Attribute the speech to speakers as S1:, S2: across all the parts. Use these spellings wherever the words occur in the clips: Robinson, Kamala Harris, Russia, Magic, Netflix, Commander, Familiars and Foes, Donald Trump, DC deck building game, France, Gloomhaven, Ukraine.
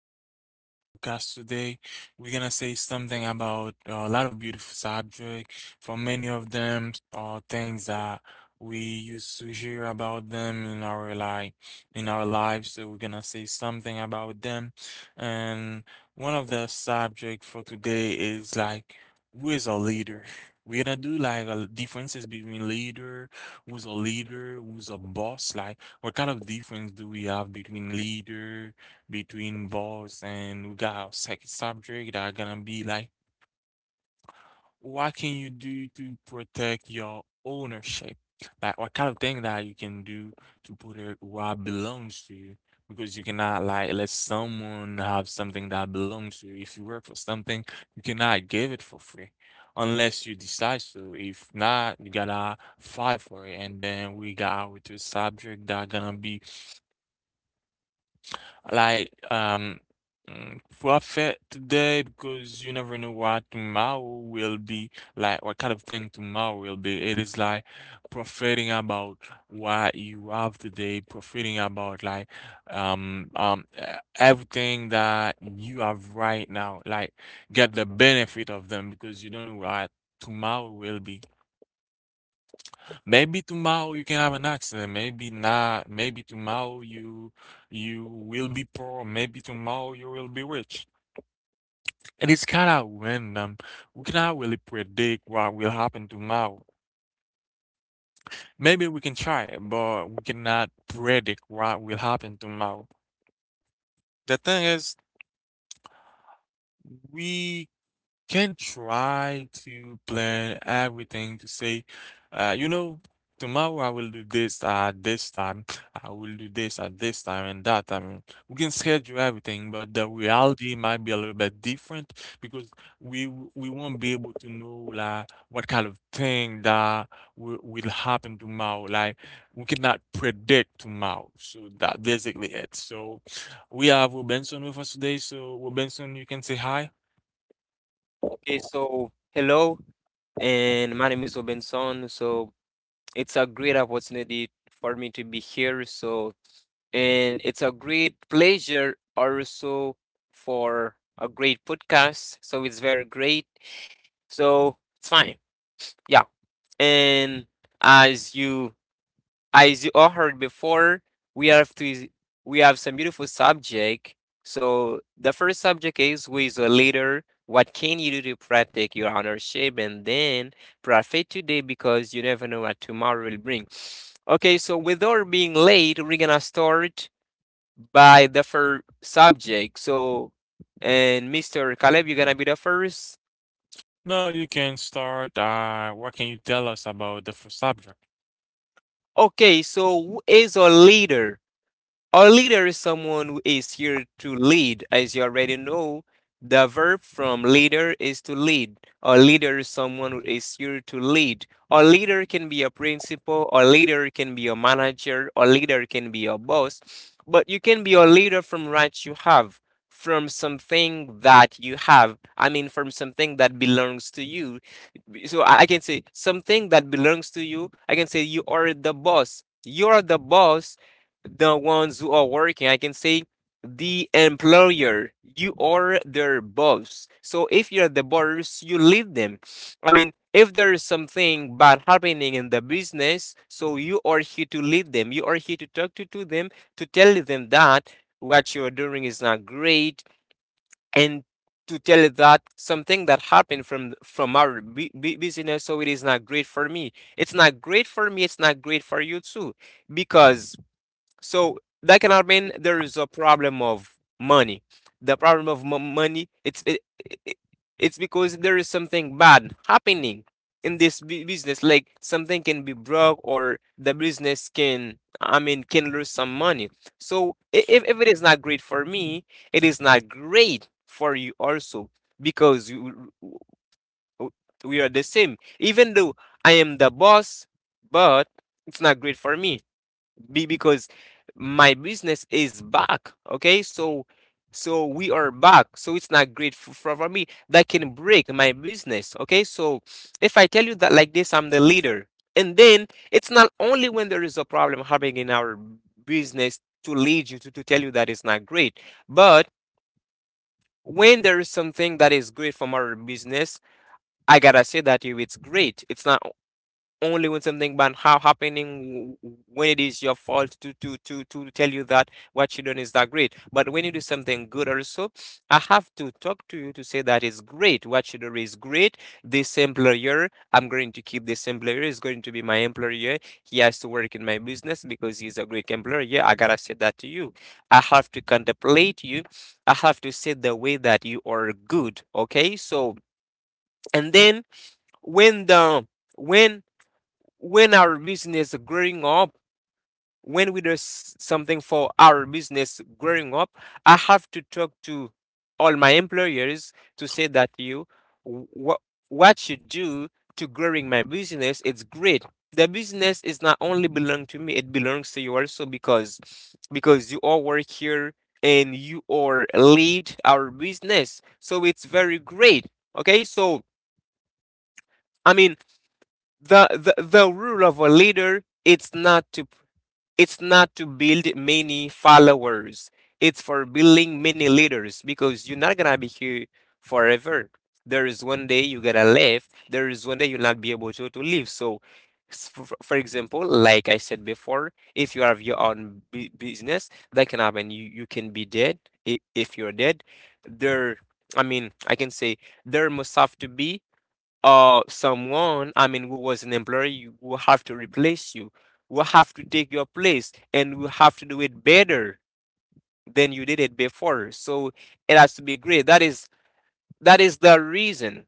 S1: keep on our podcast today. We're gonna say something about a lot of beautiful subject. For many of them, are things that we used to hear about them in our like in our lives. So we're gonna say something about them. And one of the subject for today is like who is a leader. We're gonna do like a differences between leader, who's a boss, like. What kind of difference do we have between leader, between boss, and we got our second subject that are gonna be like, what can you do to protect your ownership? Like, what kind of thing that you can do to protect what belongs to you? Because you cannot like let someone have something that belongs to you. If you work for something, you cannot give it for free unless you decide to. If not, you gotta fight for it. And then we got our two subject that are gonna be like, profit today because you never know what tomorrow will be like, what kind of thing tomorrow will be. It is like profiting about what you have today, profiting about like, um, um, e- everything that you have right now. Like, get the benefit of them because you don't know what tomorrow will be. Maybe tomorrow you can have an accident. Maybe not. Maybe tomorrow you will be poor. Maybe tomorrow you will be rich. And it's kind of random. We cannot really predict what will happen tomorrow. Maybe we can try it, but we cannot predict what will happen tomorrow. The thing is, we can try to plan everything to say, uh, you know, tomorrow I will do this at this time, I will do this at this time and that time. We can schedule everything, but the reality might be a little bit different because we won't be able to know like what kind of thing that will happen tomorrow. Like we cannot predict tomorrow. So that basically it. So we have Robinson with us today. So Robinson, you can say hi.
S2: Okay, so hello, and my name is Obenson. It's a great opportunity for me to be here. And it's a great pleasure also for a great podcast. So it's very great. So it's fine. Yeah. And as you as you all heard before, we have to we have some beautiful subject. So the first subject is, who is a leader? What can you do to protect your ownership and then profit today, because you never know what tomorrow will bring. Okay, so without being late, we're gonna start by the first subject. And Mr. Caleb, you're gonna be the first.
S1: No, you can start. What can you tell us about the f- subject?
S2: Okay, so who is a leader? A leader is someone who is here to lead. As you already know, the verb from leader is to lead. A leader is someone who is here to lead. A leader can be a principal, a leader can be a manager, a leader can be a boss, but you can be a leader from what you have, from something that you have. I mean, from something that belongs to you. So I can say something that belongs to you. I can say you are the boss. You are the boss, the ones who are working. I can say the employer. You are their boss. So if you're the boss, you lead them. I mean, if there is something bad happening in the business, so you are here to lead them. You are here to talk to them, to tell them that what you're doing is not great, and to tell that something that happened from our business, so it is not great for me, it's not great for you too. Because so that cannot mean there is a problem of money. The problem of money, it's because there is something bad happening in this business. Like something can be broke, or the business can, I mean, can lose some money. So if it is not great for me, it is not great for you also, because you, we are the same. Even though I am the boss, but it's not great for me be because my business is back. Okay, so so we are back. So it's not great for, for me. That can break my business. Okay, so if I tell you that like this, I'm the leader, and then it's not only when there is a problem happening in our business to lead you to tell you that it's not great, but when there is something that is great from our business, I gotta say that you it's great. It's not only when something bad happening when it is your fault to tell you that what you done is that great, but when you do something good also, I have to talk to you to say that it's great, what you do is great. This employer, I'm going to keep. This employer is going to be my employer. He has to work in my business because he's a great employer. Yeah, I gotta say that to you. I have to contemplate you. I have to say the way that you are good. Okay, so and then when the when when our business growing up, when we do something for our business growing up, I have to talk to all my employers to say that you what what you do to growing my business, it's great. The business is not only belong to me, it belongs to you also, because you all work here and you all lead our business. So it's very great. Okay, so I mean the rule of a leader, it's not to build many followers. It's for building many leaders, because you're not gonna be here forever. There is one day you gotta leave. There is one day you'll not be able to leave. So, for example, like I said before, if you have your own business, that can happen. You can be dead if you're dead. There, I mean, I can say there must have to be or someone, I mean, who was an employee, will have to replace you, will have to take your place, and will have to do it better than you did it before. So it has to be great. That is the reason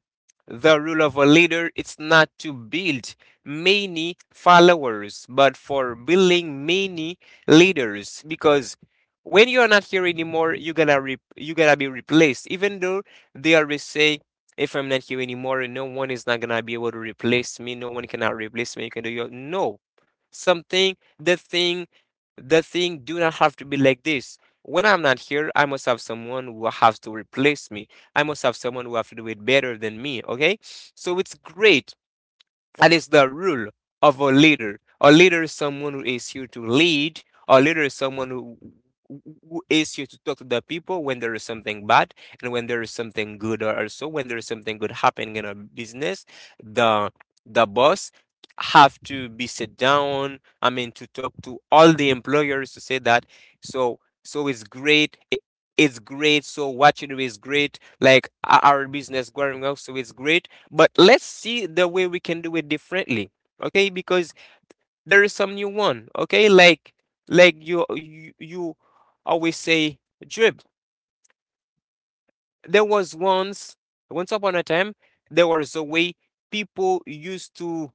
S2: the rule of a leader is not to build many followers, but for building many leaders. Because when you are not here anymore, you gonna be replaced. Even though they always say, if I'm not here anymore, no one is not gonna be able to replace me. No one cannot replace me. You can do your no something. The thing do not have to be like this. When I'm not here, I must have someone who has to replace me. I must have someone who have to do it better than me. Okay. So it's great, that is the rule of a leader. A leader is someone who is here to lead. A leader is someone who is here to talk to the people when there is something bad and when there is something good, or also when there is something good happening in a business. The the boss have to be sit down. I mean, to talk to all the employers to say that. So so it's great. It's great. So what you do is great. Like our business growing up, so it's great, but let's see the way we can do it differently. Okay, because there is some new one. Okay, like you always say drip. There was once, once upon a time, there was a way people used to,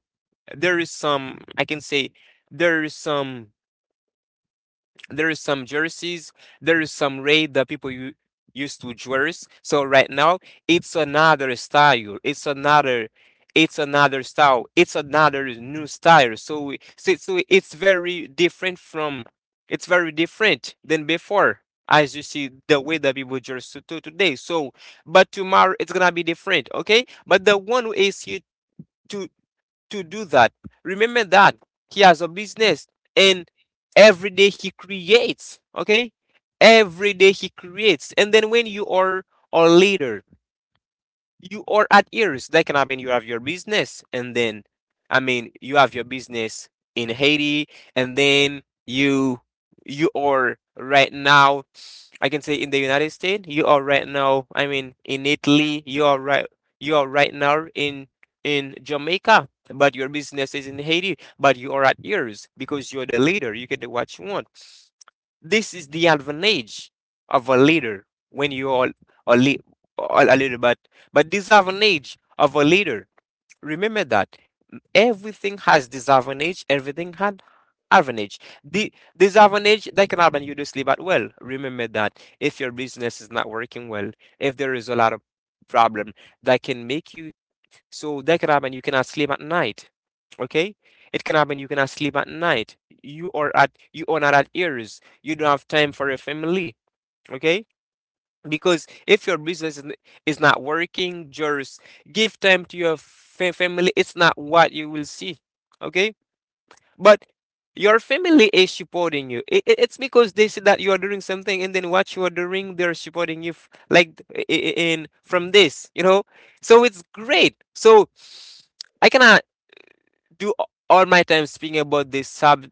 S2: there is some, I can say, there is some there is some jerseys. There is some raid that people used to dress. So right now, it's another style. It's another style. It's another new style. So it's very different from. It's very different than before. As you see, the way that people dress to today. So, but tomorrow it's gonna be different, okay? But the one who is here to to do that. Remember that he has a business, and every day he creates, okay? Every day he creates. And then when you are a leader, you are at ears. That can happen, you have your business, and then I mean you have your business in Haiti, and then you are right now, I can say in the United States, you are right now. I mean, in Italy, you are right. You are right now in Jamaica, but your business is in Haiti. But you are at yours because you're the leader. You can do what you want. This is the advantage of a leader when you are a, le- a leader. But disadvantage of a leader. Remember that everything has disadvantage, everything had advantage. The disadvantage that can happen, you do sleep at well. Remember that if your business is not working well, if there is a lot of problem that can make you, so that can happen, you cannot sleep at night. Okay? It can happen you cannot sleep at night. You are not at ears. You don't have time for your family. Okay? Because if your business is is not working, just give time to your family. It's not what you will see. Okay? But your family is supporting you. It's because they see that you are doing something, and then what you are doing, they're supporting you, like in from this, you know. So it's great. So I cannot do all my time speaking about this sub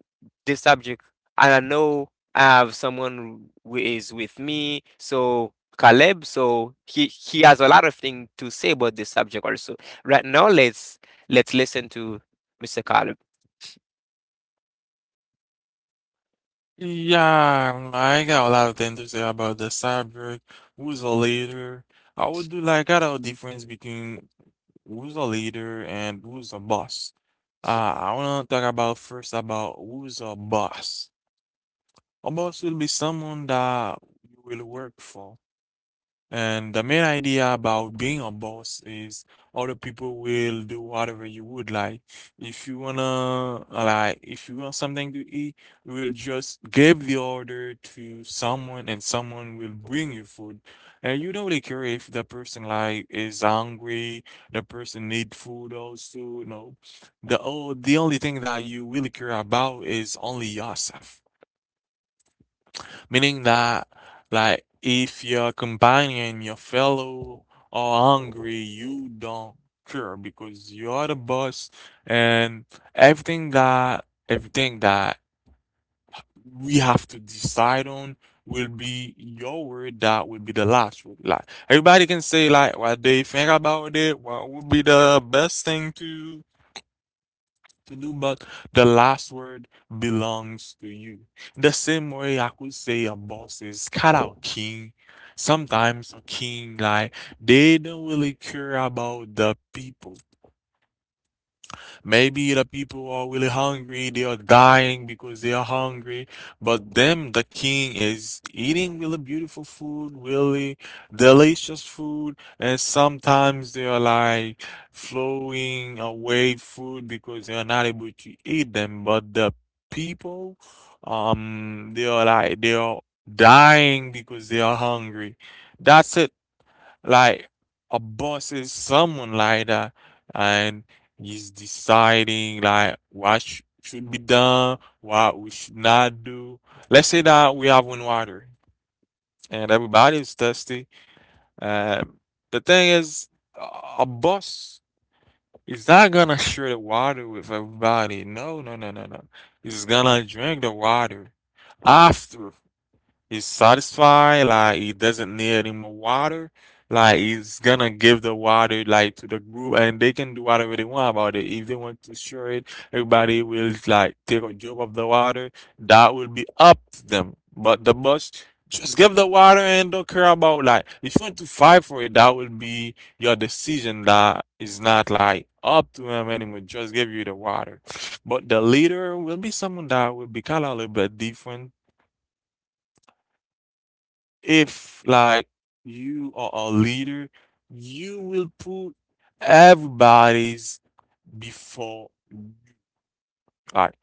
S2: this subject, and I know I have someone who is with me. So Caleb, so he has a lot of things to say about this subject also. Right now, let's listen to Mr. Caleb.
S1: Yeah, I got a lot of things to say about the subject. Who's a leader? I would do like got a difference between who's a leader and who's a boss. I wanna talk about first about who's a boss. A Boss will be someone that you will work for. And the main idea about being a boss is other people will do whatever you would like. If you wanna like if you want something to eat, you will just give the order to someone and someone will bring you food. And you don't really care if the person like is hungry, the person need food also, no. The oh, the only thing that you really care about is only yourself meaning that like if your companion, your fellow are hungry, you don't care because you are the boss and everything that we have to decide on will be your word that will be the last word. Like everybody can say like what they think about it, what would be the best thing to do, but the last word belongs to you. The same way I could say a boss is cut out king. Sometimes a king, like, they don't really care about the people. Maybe the people are really hungry, they are dying because they are hungry. But them, the king is eating really beautiful food, really delicious food. And sometimes they are like flowing away food because they are not able to eat them. But the people, they are like, they are dying because they are hungry. That's it. Like a boss is someone like that, and he's deciding like what sh- should be done, what we should not do. Let's say that we have one water and everybody is thirsty. Um, the thing is, a boss is not gonna share the water with everybody. No, no, no, no, no. He's gonna drink the water after he's satisfied, like he doesn't need any more water. Like he's gonna give the water like to the group and they can do whatever they want about it. If they want to share it, everybody will like take a drop of the water. That will be up to them. But the boss just give the water and don't care about like if you want to fight for it, that will be your decision that is not like up to him anymore. Just give you the water. But the leader will be someone that will be kinda a little bit different if like you are a leader, you will put everybody's before you. Like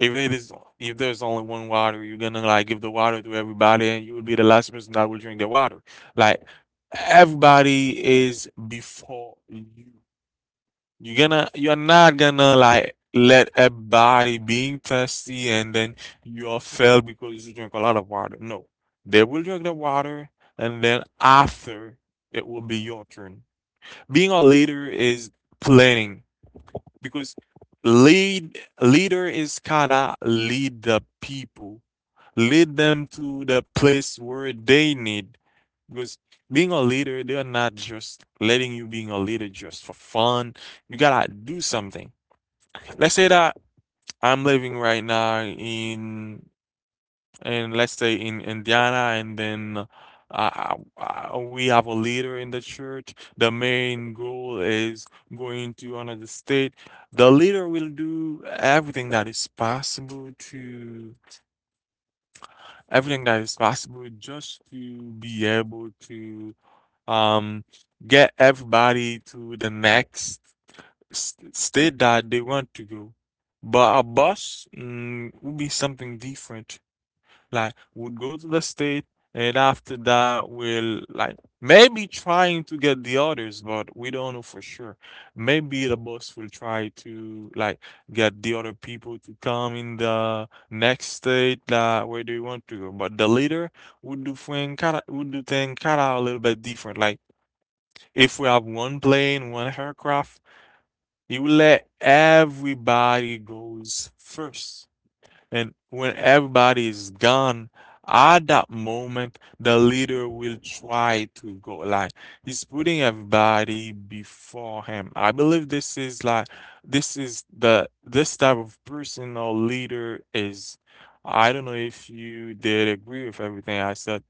S1: if it is if there's only one water, you're gonna like give the water to everybody and you will be the last person that will drink the water. Like everybody is before you. You're not gonna like let a body being thirsty and then you are failed because you drink a lot of water. No. They will drink the water and then after it will be your turn. Being a leader is planning because leader is kinda lead the people. Lead them to the place where they need because being a leader, they're not just letting you being a leader just for fun. You gotta do something. Let's say that I'm living right now in let's say in Indiana, and then we have a leader in the church. The main goal is going to another state. The leader will do everything that is possible to everything that is possible just to be able to um get everybody to the next s- state that they want to go. But a bus would be something different. Like would go to the state and after that we'll like maybe trying to get the others, but we don't know for sure. Maybe the bus will try to like get the other people to come in the next state that where they want to go. But the leader would do thing kinda a little bit different. Like if we have one plane, one aircraft you let everybody goes first. And when everybody is gone, at that moment, the leader will try to go like he's putting everybody before him. I believe this is like this is the this type of person or leader is. I don't know if you did agree with everything I said.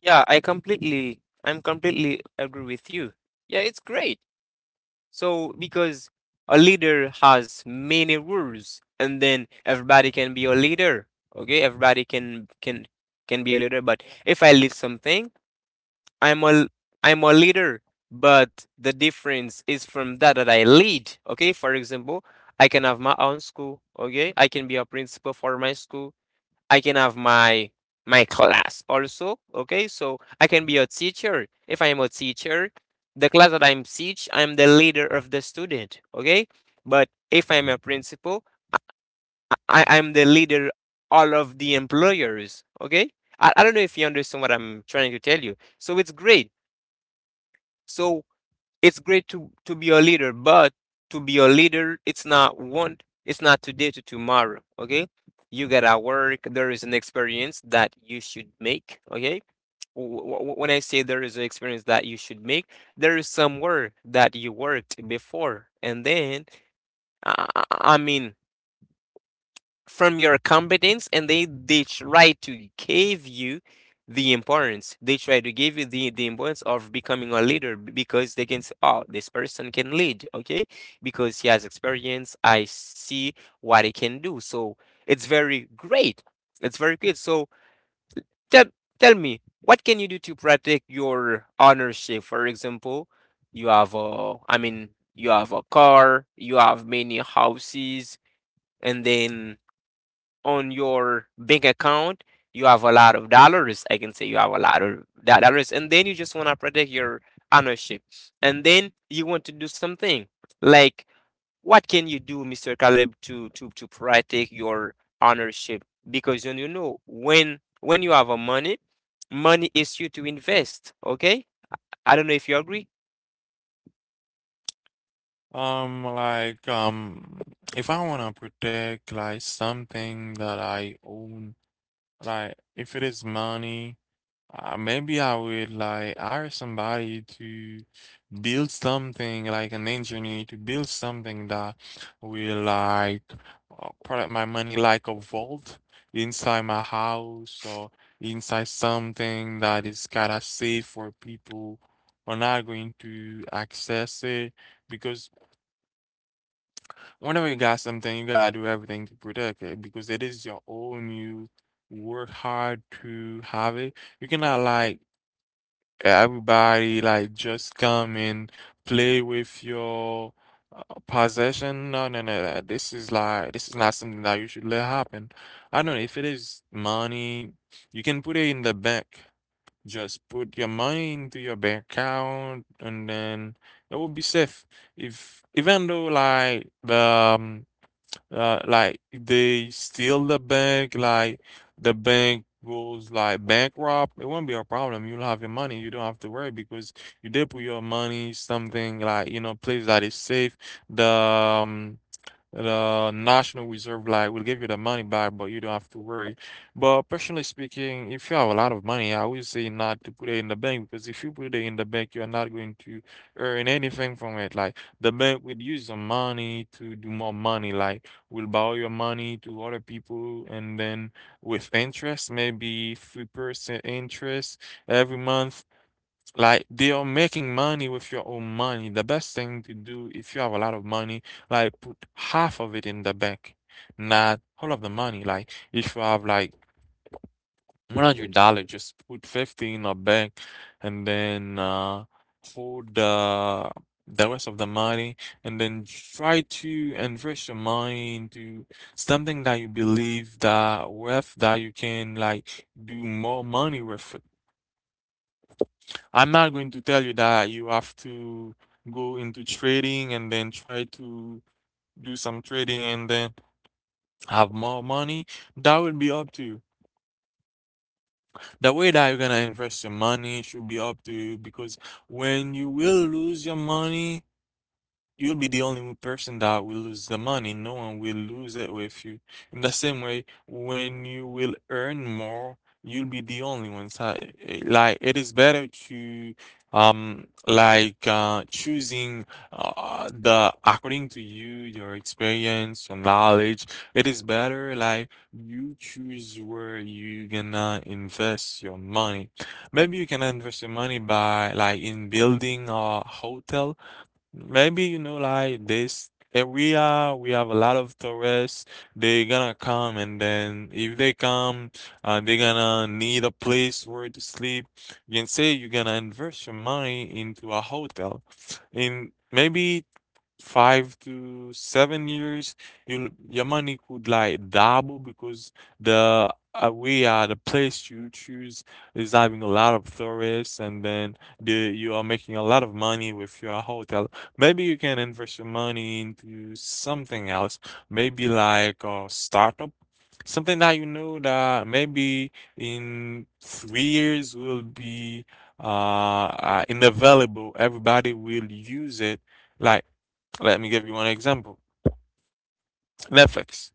S2: Yeah, I'm completely agree with you. Yeah, it's great. So, because a leader has many rules, and then everybody can be a leader. Okay, everybody can be a leader. But if I lead something, I'm a I'm a leader. But the difference is from that that I lead. Okay, for example, I can have my own school. Okay, I can be a principal for my school. I can have my my class also. Okay, so I can be a teacher. If I am a teacher, the class that I'm teach, I'm the leader of the student. Okay, but if I'm a principal, I'm the leader all of the employers. Okay, I don't know if you understand what I'm trying to tell you. So it's great. So it's great to be a leader, but to be a leader, it's not one, it's not today to tomorrow. Okay, you gotta work. There is an experience that you should make. Okay, when I say there is an experience that you should make, there is some work that you worked before, and then I I mean, from your competence, and they try to give you the importance. They try to give you the importance of becoming a leader, because they can say, oh, this person can lead. Okay, because he has experience, I see what he can do. So it's very great, it's very good. So tell tell me, what can you do to protect your ownership? For example, you have a, I mean, you have a car, you have many houses, and then on your bank account, you have a lot of dollars. I can say you have a lot of dollars, and then you just want to protect your ownership, and then you want to do something like, what can you do, Mister Caleb, to protect your ownership? Because you know, when you have a money, money is you to invest. Okay, I don't know if you agree.
S1: Um, like, um, if I want to protect like something that I own, like if it is money, maybe I would like hire somebody to build something, like an engineer to build something that will like protect my money, like a vault inside my house or inside something that is kind of safe for people are not going to access it because whenever you got something, you gotta do everything to protect it because it is your own. You work hard to have it. You cannot like everybody like just come and play with your possession. No, no, no. No. This is like this is not something that you should let happen. I don't know if it is money, you can put it in the bank. Just put your money into your bank account, and then it will be safe. If even though like the um, like they steal the bank, like the bank goes like bankrupt, it won't be a problem. You'll have your money. You don't have to worry because you did put your money something like you know place that is safe. The um, the National Reserve like will give you the money back, but you don't have to worry. But personally speaking, if you have a lot of money, I would say not to put it in the bank because if you put it in the bank, you're not going to earn anything from it. Like the bank will use the money to do more money, like will borrow your money to other people and then with interest, maybe 3% interest every month like they are making money with your own money. The best thing to do if you have a lot of money, like put half of it in the bank, not all of the money. Like if you have like $100, just put 50 in a bank, and then hold the rest of the money, and then try to invest your money into something that you believe that worth that you can like do more money with I'm not going to tell you that you have to go into trading and then try to do some trading and then have more money. That will be up to you. The way that you're gonna invest your money should be up to you because when you will lose your money, you'll be the only person that will lose the money. No one will lose it with you. In the same way, when you will earn more, you'll be the only one. So, like it is better to like choosing the according to you, your experience, your knowledge. It is better like you choose where you gonna invest your money. Maybe you can invest your money by like in building a hotel. Maybe, like this area, we have a lot of tourists. They gonna come, and then if they come, they gonna need a place where to sleep. You can say you're gonna invest your money into a hotel. And maybe 5 to 7 years, your money could like double because the we are the place you choose is having a lot of tourists, and then the you are making a lot of money with your hotel. Maybe you can invest your money into something else, maybe like a startup, something that you know that maybe in 3 years will be uh, inavailable. Everybody will use it. Like, let me give you one example. Netflix.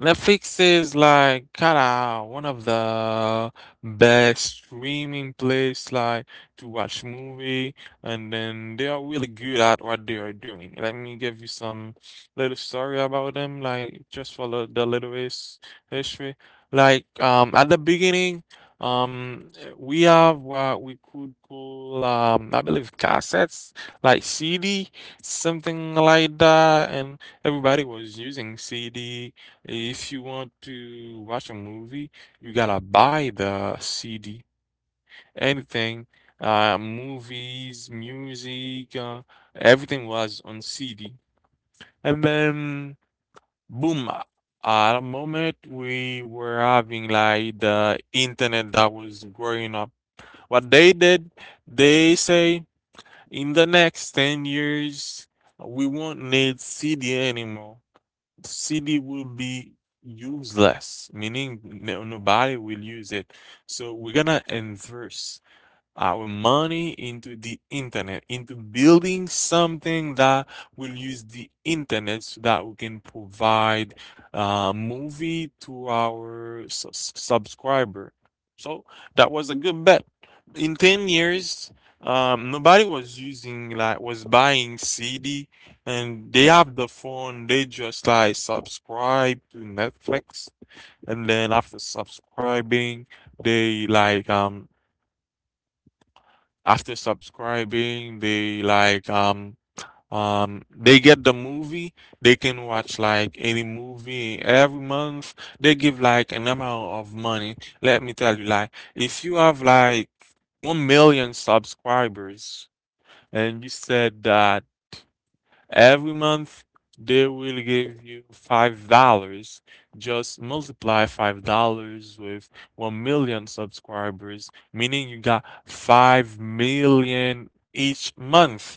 S1: Netflix is like kinda one of the best streaming place like to watch movie, and then they are really good at what they are doing. Let me give you some little story about them, like just for the little history. Like, at the beginning, um we have what we could call, I believe, cassettes, like CD, something like that, and everybody was using CD. If you want to watch a movie, you gotta buy the CD. Anything, movies, music, everything was on CD. And then, boom, at a moment we were having like the internet that was growing up. What they did, they say in the next 10 years, we won't need CD anymore. CD will be useless, meaning no, nobody will use it. So we're gonna inverse our money into the internet, into building something that will use the internet so that we can provide a movie to our subscriber. So that was a good bet. In 10 years, nobody was using, like, was buying CD, and they have the phone, they just like subscribe to Netflix, and then they like, um, after subscribing, they like, they get the movie. They can watch like any movie every month. They give like an amount of money. Let me tell you, like if you have like 1 million subscribers and you said that every month, they will give you $5. Just multiply $5 with 1 million subscribers, meaning you got 5 million each month.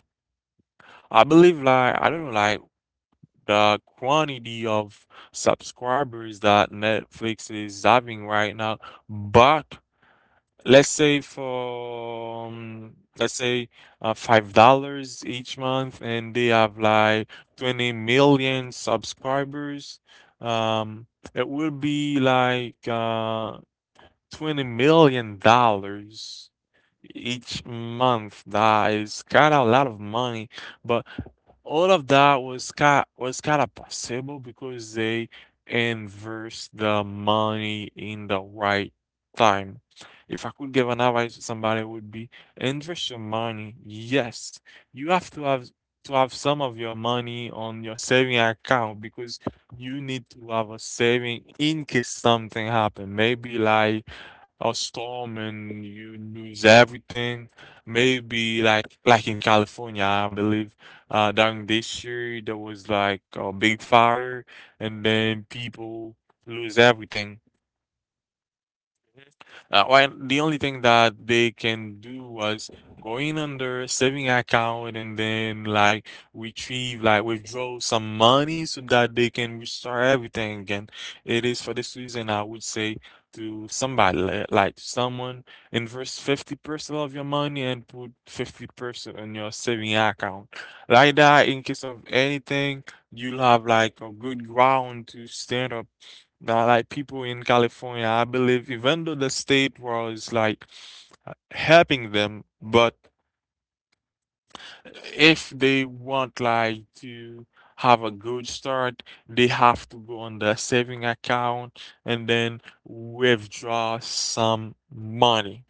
S1: I believe, like, I don't know, like, the quantity of subscribers that Netflix is having right now, but Let's say for let's say $5 each month, and they have like 20 million subscribers. Um, it will be like, $20 million each month. That I got a lot of money, but all of that was kind of possible because they invest the money in the right time. If I could give an advice to somebody, it would be invest your money. Yes, you have to have some of your money on your saving account, because you need to have a saving in case something happen. Maybe like a storm and you lose everything. Maybe like in California, I believe, during this year there was like a big fire, and then people lose everything. Well, the only thing that they can do was going under saving account and then like retrieve, like withdraw some money so that they can restore everything again. It is for this reason I would say to somebody like someone, invest 50% of your money and put 50% in your saving account. Like that, in case of anything, you'll have like a good ground to stand. Like people in California, I believe, even though the state was like, helping them, but if they want like to have a good start, they have to go on the saving account and then withdraw some money.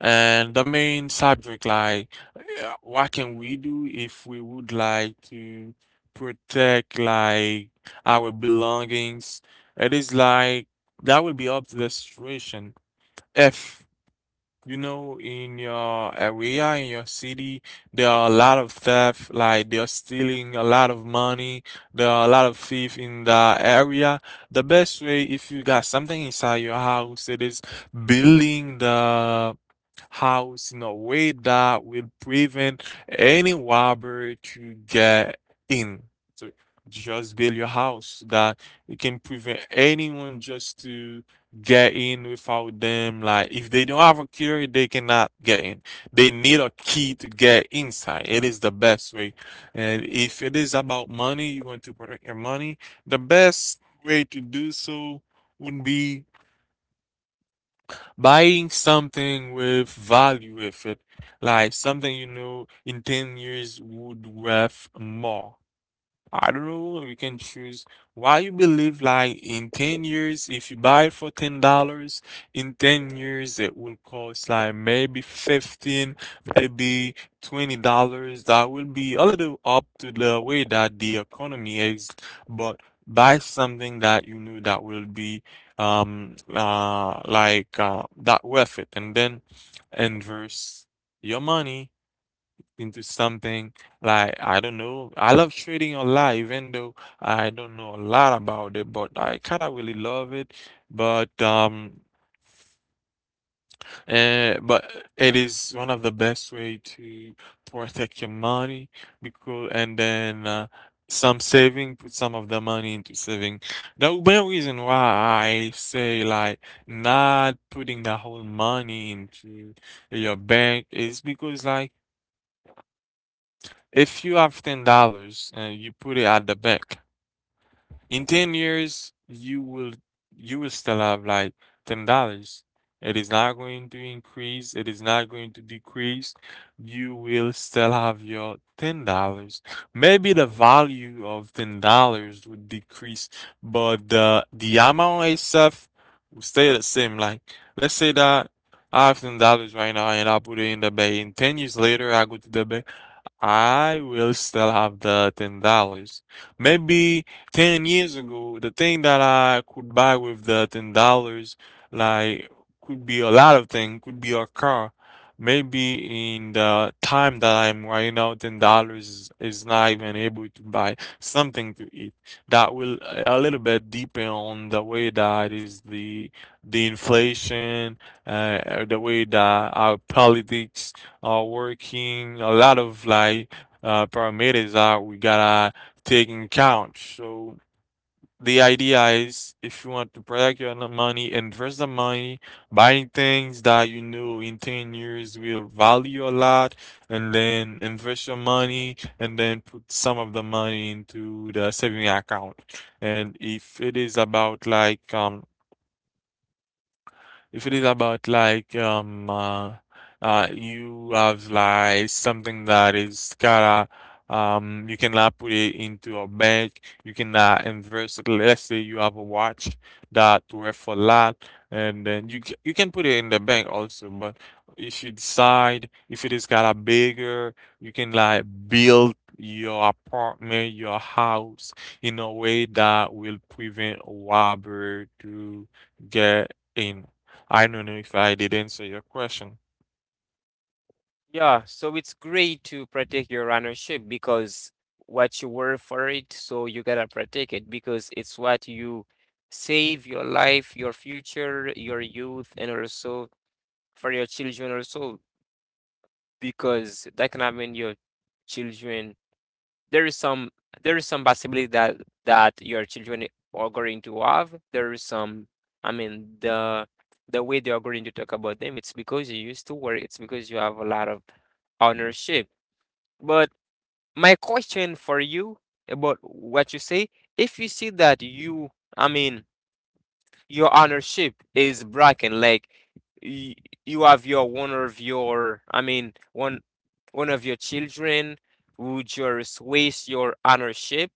S1: And the main subject, like, what can we do if we would like to protect like our belongings? It is like, that will be up to the situation. If you know in your area, in your city, there are a lot of theft, like they are stealing a lot of money, there are a lot of thief in the area. The best way, if you got something inside your house, it is building the house in a way that will prevent any robber to get in. So just build your house that it can prevent anyone just to get in without them. Like, if they don't have a key, they cannot get in. They need a key to get inside. It is the best way. And if it is about money, you want to protect your money, the best way to do so would be buying something with value with it, like something you know in 10 years would worth more. I don't know. You can choose why you believe like in 10 years, if you buy it for $10, in 10 years it will cost like maybe 15, maybe $20. That will be a little up to the way that the economy is, but buy something that you know that will be, like, that worth it, and then inverse your money into something. Like, I don't know. I love trading a lot, even though I don't know a lot about it, but I kind of really love it. But um, but it is one of the best way to protect your money, because. And then, some saving, put some of the money into saving. The main reason why I say like not putting the whole money into your bank is because, like, if you have $10 and you put it at the bank, in 10 years you will, still have like $10. It is not going to increase, it is not going to decrease. You will still have your $10. Maybe the value of $10 would decrease, but the amount itself will stay the same. Like, let's say that I have $10 right now and I put it in the bank, and 10 years later I go to the bank, I will still have the $10. Maybe 10 years ago, the thing that I could buy with the $10, like, could be a lot of things, could be a car. Maybe in the time that I'm right now, $10 is not even able to buy something to eat. That will a little bit depend on the way that is the inflation, the way that our politics are working, a lot of like, parameters that we gotta take in count. So the idea is, if you want to protect your money, invest the money, buying things that you know in 10 years will value a lot, and then invest your money and then put some of the money into the saving account. And if it is about like if it is about like, you have like something that is kinda, you can cannot put it into a bank, you can cannot invest it. Let's say you have a watch that worth a lot, and then you can put it in the bank also, but if you decide if it is kinda bigger, you can like build your apartment, your house in a way that will prevent a robber to get in. I don't know if I did answer your question.
S2: Yeah, so it's great to protect your ownership because what you work for it, so you gotta protect it, because it's what you save your life, your future, your youth, and also for your children also, because that can happen your children. There is some there is some possibility that that your children are going to have. There is some, I mean, the way they are going to talk about them, it's because you used to work. It's because you have a lot of ownership. But my question for you about what you say, if you see that you, I mean, your ownership is broken, like y- you have your one of your, I mean, one of your children would just waste your ownership,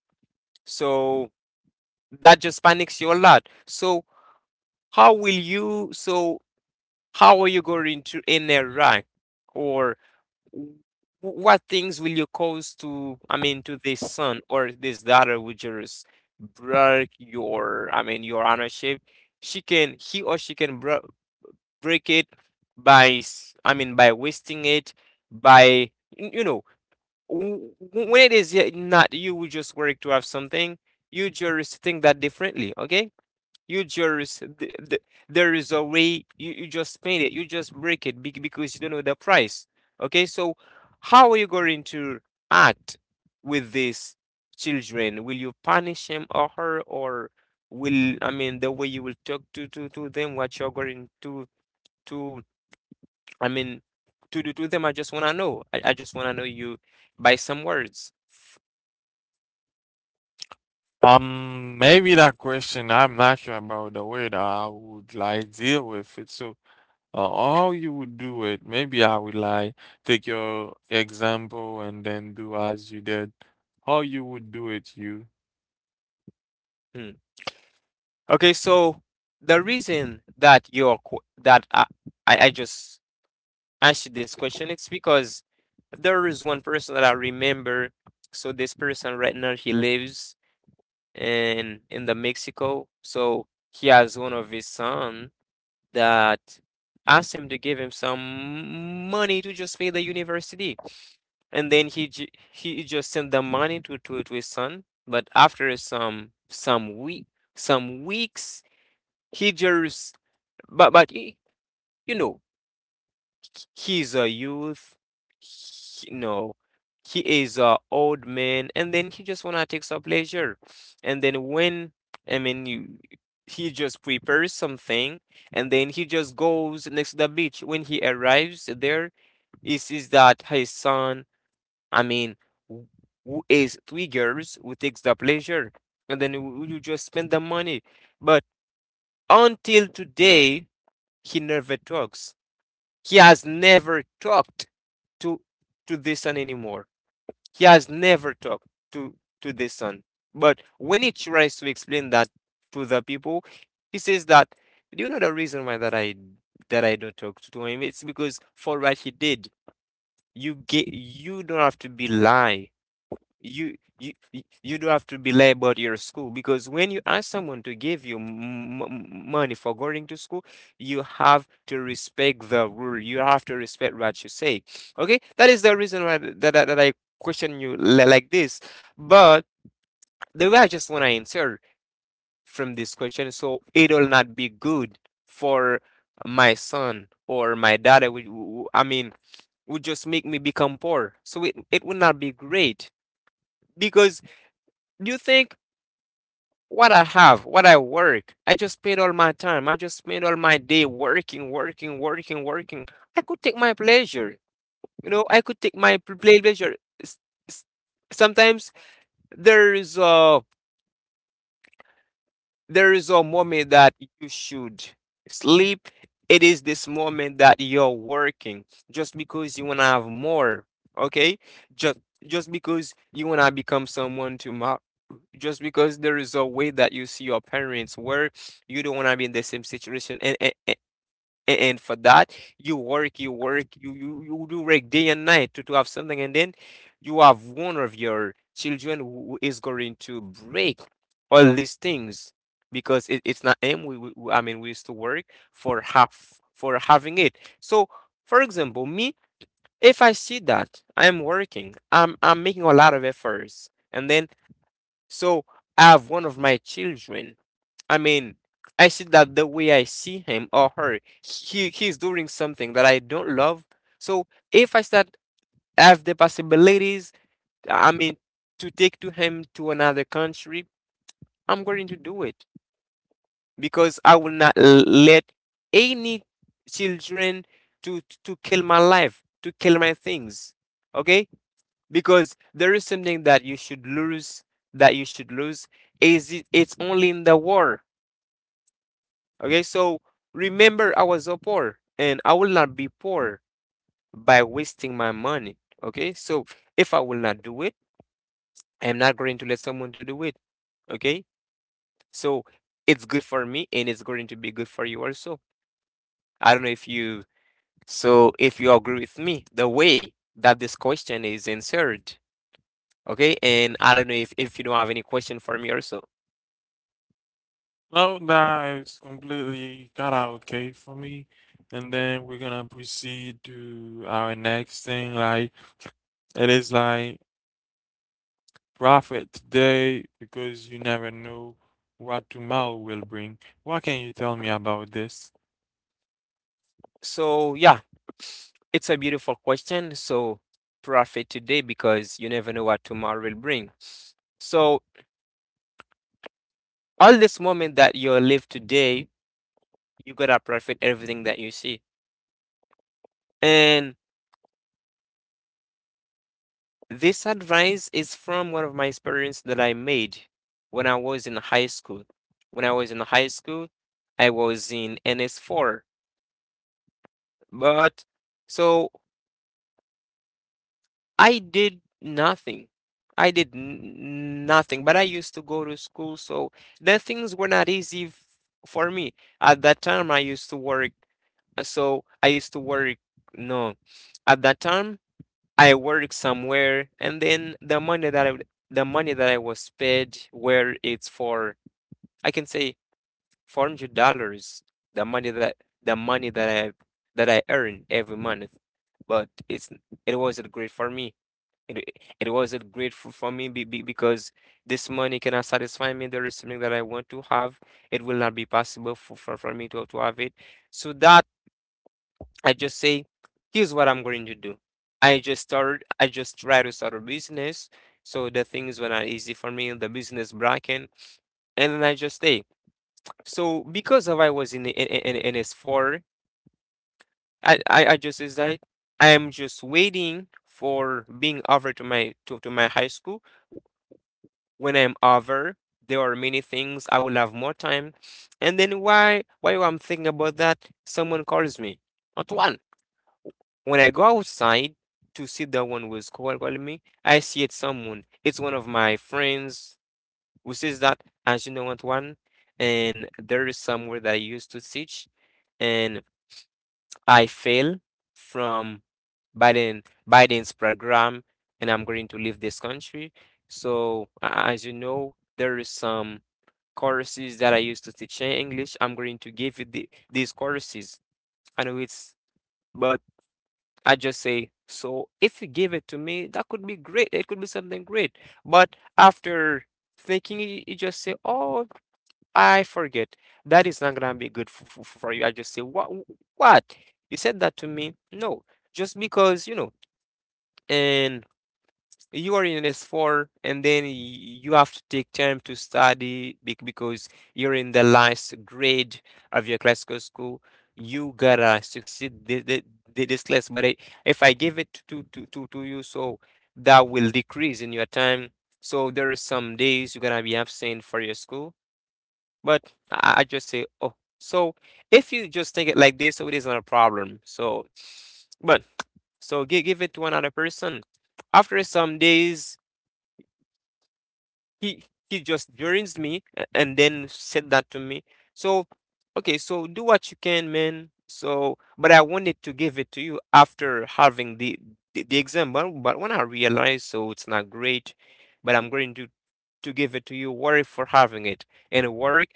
S2: so that just panics you a lot. So how will you? So how are you going to interact, or w- what things will you cause to, I mean, to this son or this daughter which is break your, I mean, your ownership. She can he or she can break it by I mean by wasting it, by you know, when it is yet not you who just work to have something, you just think that differently. Okay, you just there is a way you, you just paint it, you just break it, because you don't know the price. Okay, so how are you going to act with these children? Will you punish him or her, or will, I mean, the way you will talk to them, what you're going to, I mean, to do to them? I just wanna know. I just wanna know you by some words.
S1: Maybe that question, I'm not sure about the way that I would like deal with it. So, how you would do it, maybe I would like take your example and then do as you did. How you would do it, you.
S2: Hmm. Okay, so the reason that you're qu- that I just asked this question. It's because there is one person that I remember. So this person right now, he lives in the Mexico. So he has one of his son that asked him to give him some money to just pay the university, and then he just sent the money to his son. But after some weeks, he just, but he, you know, he's a youth, no, he is a old man, and then he just wanna take some pleasure. And then when, I mean, you, he just prepares something, and then he just goes next to the beach. When he arrives there, he sees that his son, I mean, who who is three girls who takes the pleasure, and then you just spend the money. But until today he never talks, he has never talked to to this son anymore. He has never talked to to this son. But when he tries to explain that to the people, he says that, do you know the reason why that I don't talk to him? It's because for what he did, you get you don't have to be lie, you you do have to be label your school, because when you ask someone to give you money for going to school, you have to respect the rule, you have to respect what you say. Okay, that is the reason why that I question you like this. But the way I just want to answer from this question, so it'll not be good for my son or my daughter I mean, would just make me become poor. So it would not be great because, do you think what I have, what I work? I just spend all my time. I just spend all my day working, working, working, working. I could take my pleasure. You know, I could take my pleasure. S- s- Sometimes there is a there is a moment that you should sleep. It is this moment that you're working just because you wanna have more. Okay, just just because you wanna become someone tomorrow, just because there is a way that you see your parents work, you don't want to be in the same situation. And for that, you work, you work, you do work day and night to have something. And then you have one of your children who is going to break all these things because it, it's not him. I mean, we used to work for half for having it. So, for example, me, if I see that I'm working, I'm making a lot of efforts. And then so I have one of my children. I mean, I see that the way I see him or her, he's doing something that I don't love. So if I start have the possibilities, I mean, to take to him to another country, I'm going to do it because I will not let any children to kill my life, to kill my things. Okay? Because there is something that you should lose, that you should lose, is it, it's only in the war. Okay, so remember, I was a poor and I will not be poor by wasting my money. Okay, so if I will not do it, I'm not going to let someone to do it. Okay, so it's good for me and it's going to be good for you also. I don't know if you, so if you agree with me the way that this question is answered. Okay, and I don't know if you don't have any question for me also.
S1: No, that is completely kind of okay for me. And then we're gonna proceed to our next thing. Like, it is like, profit today because you never know what tomorrow will bring. What can you tell me about this?
S2: So yeah, it's a beautiful question. So profit today, because you never know what tomorrow will bring. So all this moment that you live today, you gotta profit everything that you see. And this advice is from one of my experience that I made when I was in high school. When I was in high school, I was in NS4. But so I did nothing. I did nothing, but I used to go to school, so the things were not easy for me. At that time, I used to work, so I used to work. No, at that time, I worked somewhere, and then the money that the money that I was paid, where it's for, I can say $400. The money that I earn every month. But it's, it wasn't great for me, it wasn't grateful for me, because this money cannot satisfy me. There is something that I want to have. It will not be possible for me to have it. So that I just say, here's what I'm going to do. I just try to start a business. So the things were not easy for me in the business bracket. And then I just stay. So because of I was in the s 4, I just is that I am just waiting for being offered to my to my high school. When I'm over, there are many things, I will have more time. And then why I'm thinking about that, someone calls me. Not one. When I go outside to see the one who is calling me, I see it's someone. It's one of my friends who says that, as you know what one, and there is somewhere that I used to teach, and I fail from Biden Biden's program, and I'm going to leave this country. So, a- as you know, there is some courses that I used to teach in English. I'm going to give you the, these courses. I know but I just say, so if you give it to me, that could be great. It could be something great. But after thinking, you just say, oh, I forget. That is not going to be good for, for you. I just say, what? What? You said that to me? No, just because, and you are in S4 and then you have to take time to study because you're in the last grade of your classical school. You gotta succeed this class. But I, if I give it to you, so that will decrease in your time. So there is some days you're gonna be absent for your school. But I just say, oh, so if you just take it like this, so it isn't a problem. So, but so give, give it to another person. After some days, he he just burns me and then said that to me. So okay, so do what you can, man. So, but I wanted to give it to you after having the exam, but when I realized, so it's not great, but I'm going to give it to you. Worry for having it and work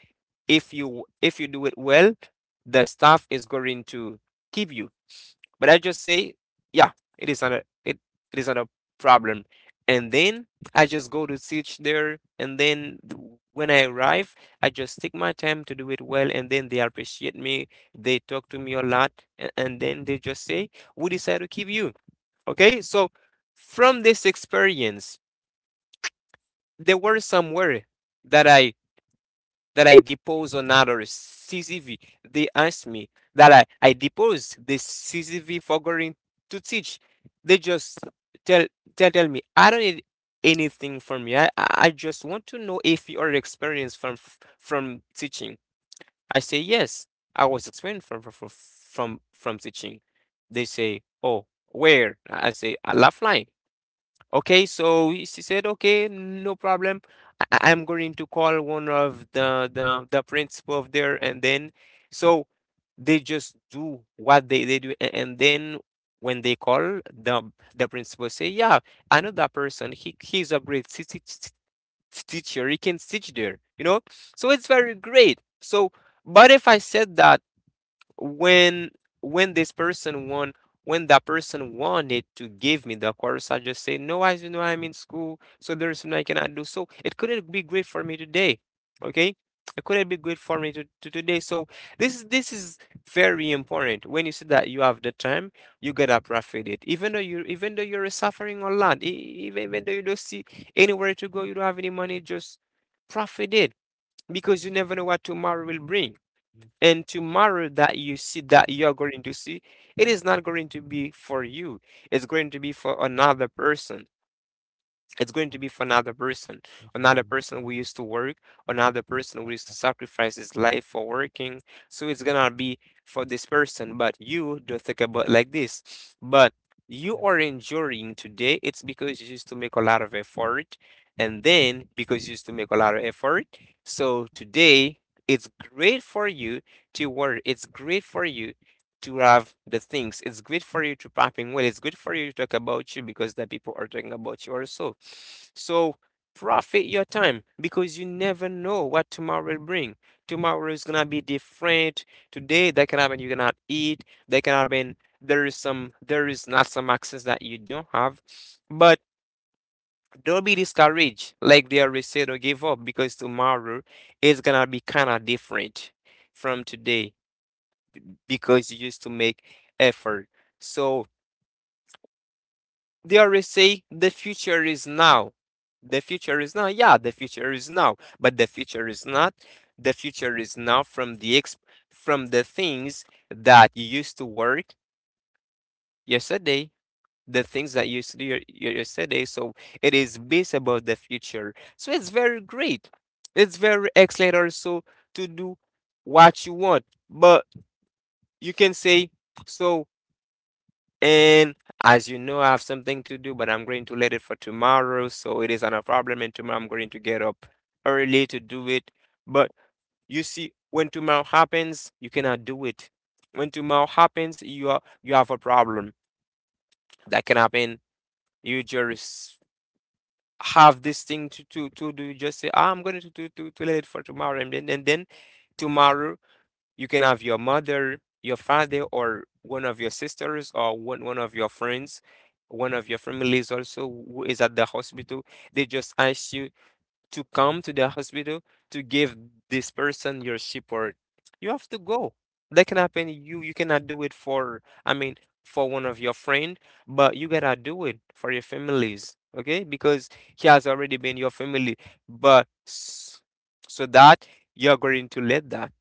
S2: if you do it well, the staff is going to keep you. But I just say, yeah, it is not it is not a problem. And then I just go to teach there and then when I arrive, I just take my time to do it well and then they appreciate me. They talk to me a lot and then they just say, we decide to keep you. Okay? So from this experience, there were somewhere that I that I depose another CCV. They asked me that I depose the CCV for going to teach. They just tell, tell me I don't need anything from you. I just want to know if you are experienced from teaching. I say yes. I was experienced from teaching. They say, oh, where? I say, I left line. Okay, so she said, okay, no problem. I'm going to call one of the principal of there, and then so they just do what they do, and then when they call the principal say, yeah, I know that person. He's a great teacher. He can teach there, you know. So it's very great. So, but if I said that when when this person want when that person wanted to give me the course, I just say no, I you know I'm in school, so there's something I cannot do. So it couldn't be great for me today. Okay? It couldn't be good for me to today. So this is very important. When you see that you have the time, you gotta profit it. Even though you're suffering a lot, even though you don't see anywhere to go, you don't have any money, just profit it because you never know what tomorrow will bring. And tomorrow that you see that you're going to see, it is not going to be for you. It's going to be for another person it's going to be for another person who used to work another person who used to sacrifice his life for working, so it's gonna be for this person, but you don't think about like this. But you are enduring today, it's because you used to make a lot of effort, and then because you used to make a lot of effort, so today it's great for you to work, it's great for you to have the things. It's good for you to pop in well. It's good for you to talk about you because the people are talking about you also. So profit your time because you never know what tomorrow will bring. Tomorrow is gonna be different. Today that can happen you cannot eat. That can happen there is some there is not some access that you don't have. But don't be discouraged, like they already said, or give up because tomorrow is gonna be kind of different from today because you used to make effort. So they always say the future is now. The future is now. Yeah, the future is now, but the future is not. The future is now from from the things that you used to work yesterday, the things that you used to do yesterday. So it is based about the future. So it's very great. It's very excellent also to do what you want. But you can say so. And as you know, I have something to do, but I'm going to let it for tomorrow. So it is not a problem. And tomorrow I'm going to get up early to do it. But you see, when tomorrow happens, you cannot do it. When tomorrow happens, you are you have a problem that can happen. You just have this thing to do. You just say, "Ah, I'm going to let it for tomorrow, and then tomorrow you can have your mother, your father, or one of your sisters, or one of your friends, one of your families also who is at the hospital. They just ask you to come to the hospital to give this person your support. You have to go. That can happen. You cannot do it for, I mean, for one of your friend, but you gotta do it for your families, okay? Because he has already been your family, but s- so that you're going to let that.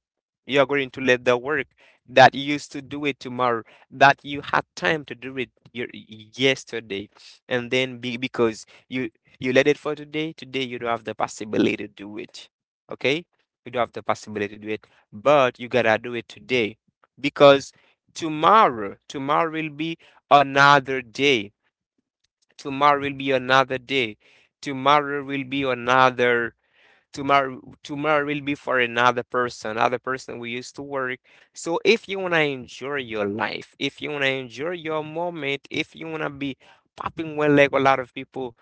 S2: You are going to let the work that you used to do it tomorrow, that you had time to do it yesterday, and then because you let it for today, today you don't have the possibility to do it. Okay? You don't have the possibility to do it, but you gotta do it today because tomorrow will be another day. Tomorrow will be another day. Tomorrow will be another tomorrow will be for another person. Another person we used to work. So if you want to enjoy your life, if you want to enjoy your moment, if you want to be popping one leg a lot of people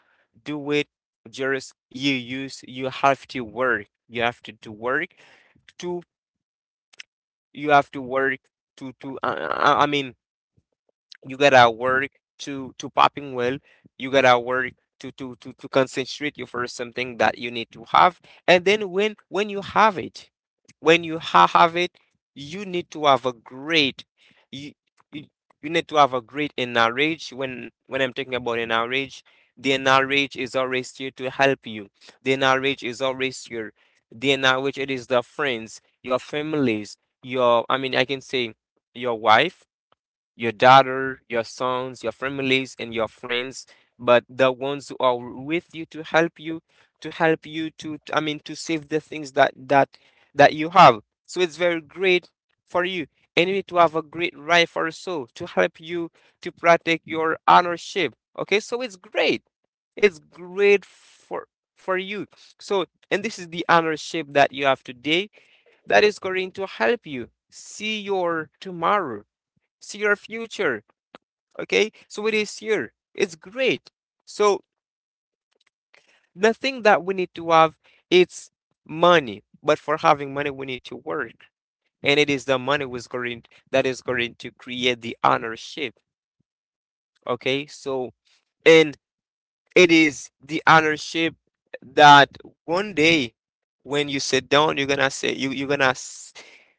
S2: do it, just you have to work, you have to do work to you have to work to I mean you gotta work to popping well, you gotta work to concentrate you for something that you need to have. And then when you have it, when you have it, you need to have a great you, you you need to have a great knowledge. When I'm talking about a knowledge, the knowledge is always here to help you. The knowledge is always here. The knowledge it is the friends, your families, your, I mean, I can say your wife, your daughter, your sons, your families, and your friends, but the ones who are with you to help you, to help you to, I mean, to save the things that you have. So it's very great for you, and you need to have a great rifle so to help you to protect your ownership. Okay, so it's great. It's great for you. So, and this is the ownership that you have today that is going to help you see your tomorrow see your future. Okay, so it is here. It's great. So the thing that we need to have it's money, but for having money we need to work, and it is the money was going that is going to create the ownership. Okay, so and it is the ownership that one day when you sit down, you're gonna say you you're gonna s-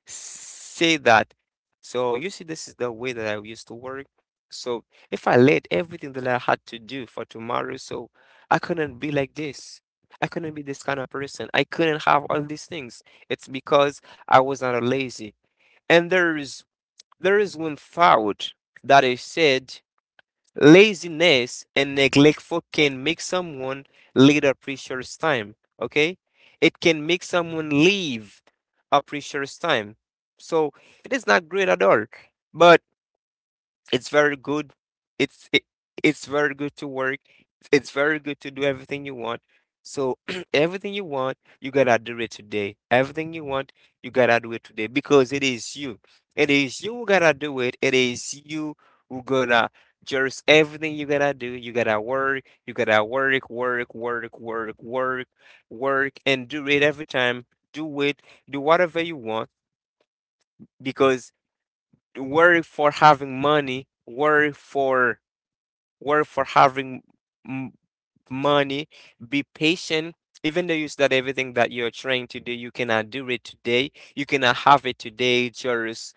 S2: say that. So you see, this is the way that I used to work. So if I laid everything that I had to do for tomorrow, so I couldn't be like this. I couldn't be this kind of person. I couldn't have all these things. It's because I was not lazy. And there is one thought that I said: laziness and neglectful can make someone later precious time. Okay, it can make someone leave a precious time. So it is not great at all. But it's very good. It's it, it's very good to work. It's very good to do everything you want. So everything you want, you gotta do it today. Everything you want, you gotta do it today because it is you. It is you who gotta do it. It is you who gonna just everything you gotta do. You gotta work. You gotta work, work, work, work, work, work, and do it every time. Do it. Do whatever you want because worry for having money, worry for work for having m- money. Be patient. Even though you start everything that you're trying to do, you cannot do it today. You cannot have it today. Just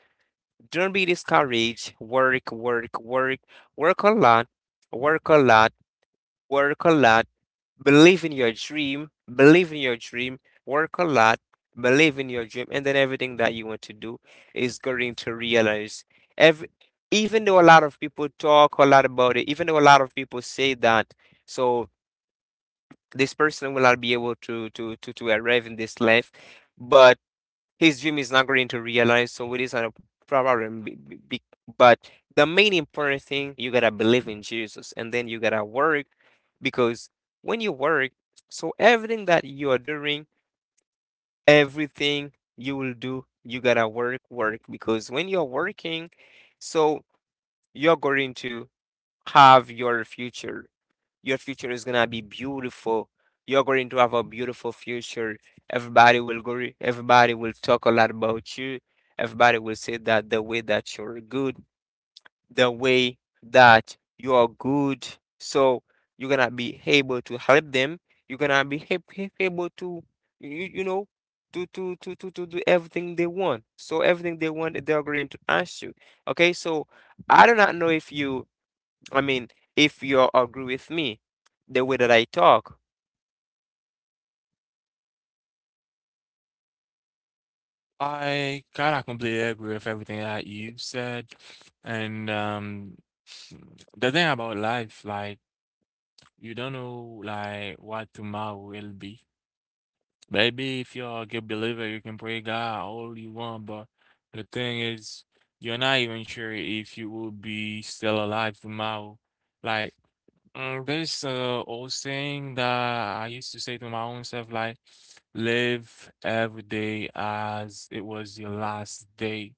S2: don't be discouraged. Work, work, work, work a lot, work a lot, work a lot, believe in your dream, believe in your dream, work a lot, believe in your dream, and then everything that you want to do is going to realize. Every, Even though a lot of people talk a lot about it, even though a lot of people say that, so this person will not be able to arrive in this life, but his dream is not going to realize. So it is not a problem. But the main important thing, you gotta believe in Jesus, and then you gotta work because when you work, so everything that you are doing, everything you will do, you gotta work, work because when you're working, so you're going to have your future. Your future is gonna be beautiful. You're going to have a beautiful future. Everybody will talk a lot about you. Everybody will say that the way that you're good, the way that you are good. So you're gonna be able to help them. You're gonna be able to, you, you you know, to do everything they want. So everything they want, they're going to ask you. Okay, so I do not know if you, I mean, if you agree with me, the way that I talk.
S1: I kind of completely agree with everything that you said. And, the thing about life, like, you don't know, like, what tomorrow will be. Maybe if you're a good believer, you can pray God all you want, but the thing is, you're not even sure if you will be still alive tomorrow. Like, there's a old saying that I used to say to my own self, like, live every day as it was your last day.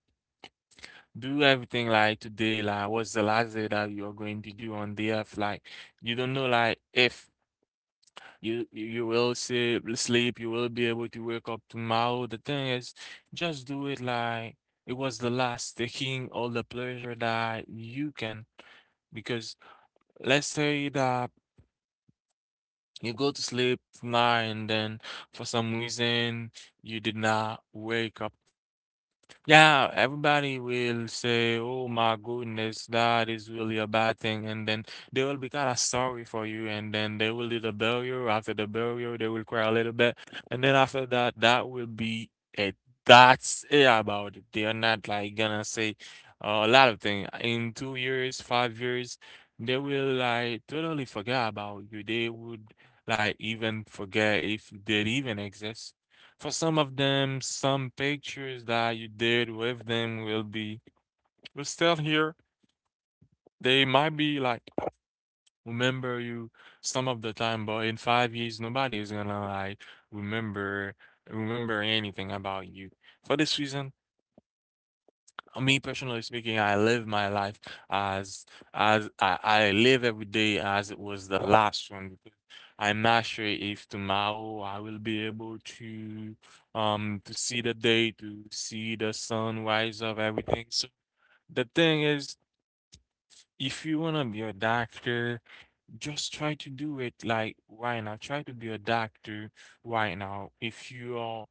S1: Do everything like today, like what's the last day that you're going to do on the earth? Like, you don't know, like, if you will sleep, you will be able to wake up tomorrow. The thing is, just do it like it was the last, taking all the pleasure that you can. Because let's say that you go to sleep tonight and then for some reason you did not wake up. Yeah, everybody will say, "Oh my goodness, that is really a bad thing," and then they will be kind of sorry for you, and then they will do the burial. After the burial, they will cry a little bit, and then after that, that will be it. That's it about it. They are not like gonna say a lot of things in 2 years, 5 years. They will like totally forget about you. They would like even forget if they even exist. For some of them, some pictures that you did with them will be will still here. They might be like remember you some of the time, but in 5 years, nobody is gonna like remember remember anything about you. For this reason, me personally speaking, I live my life as as I live every day as it was the last one, because I'm not sure if tomorrow I will be able to see the day, to see the sun rise up, everything. So the thing is, if you wanna be a doctor, just try to do it like right now. Try to be a doctor right now. If you are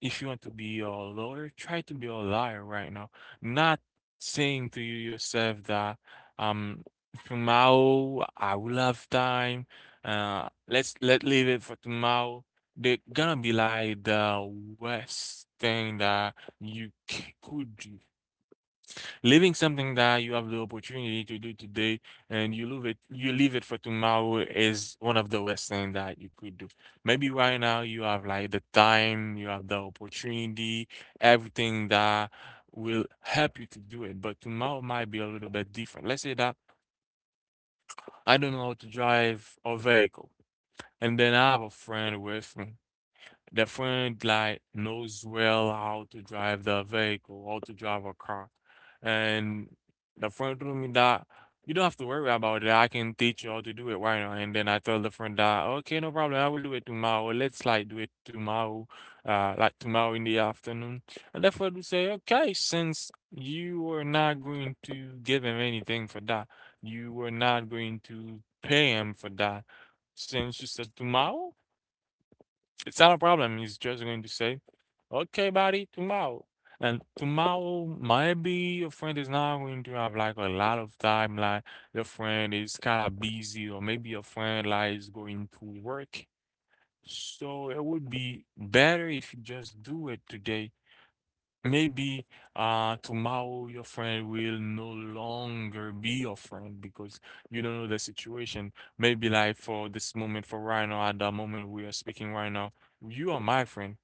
S1: if you want to be a lawyer, try to be a liar right now. Not saying to you yourself that um tomorrow I will have time. Let's let leave it for tomorrow. They're gonna be like the worst thing that you could do. Leaving something that you have the opportunity to do today and you leave it for tomorrow is one of the worst thing that you could do. Maybe right now you have like the time, you have the opportunity, everything that will help you to do it, but tomorrow might be a little bit different. Let's say that I don't know how to drive a vehicle and then I have a friend with me. The friend like knows well how to drive the vehicle, how to drive a car. And the friend told me that you don't have to worry about it. I can teach you how to do it right now. And then I told the friend that, okay, no problem. I will do it tomorrow. Let's like do it tomorrow, like tomorrow in the afternoon. And the friend would say, okay, since you are not going to give him anything for that, you were not going to pay him for that. Since you said tomorrow, it's not a problem. He's just going to say, okay, buddy, tomorrow. And tomorrow, maybe your friend is not going to have like a lot of time. Like your friend is kind of busy, or maybe your friend like is going to work. So it would be better if you just do it today. Maybe tomorrow your friend will no longer be your friend because you don't know the situation. Maybe like for this moment, for right now, at the moment we are speaking right now, you are my friend.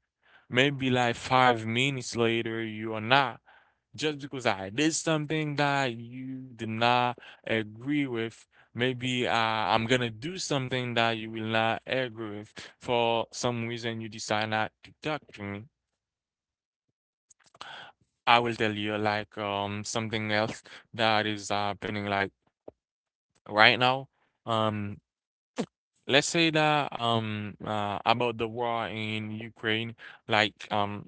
S1: Maybe like 5 minutes later, you are not. Just because I did something that you did not agree with, maybe I'm gonna do something that you will not agree with. For some reason, you decide not to talk to me. I will tell you like something else that is happening like right now. Um, let's say that about the war in Ukraine, like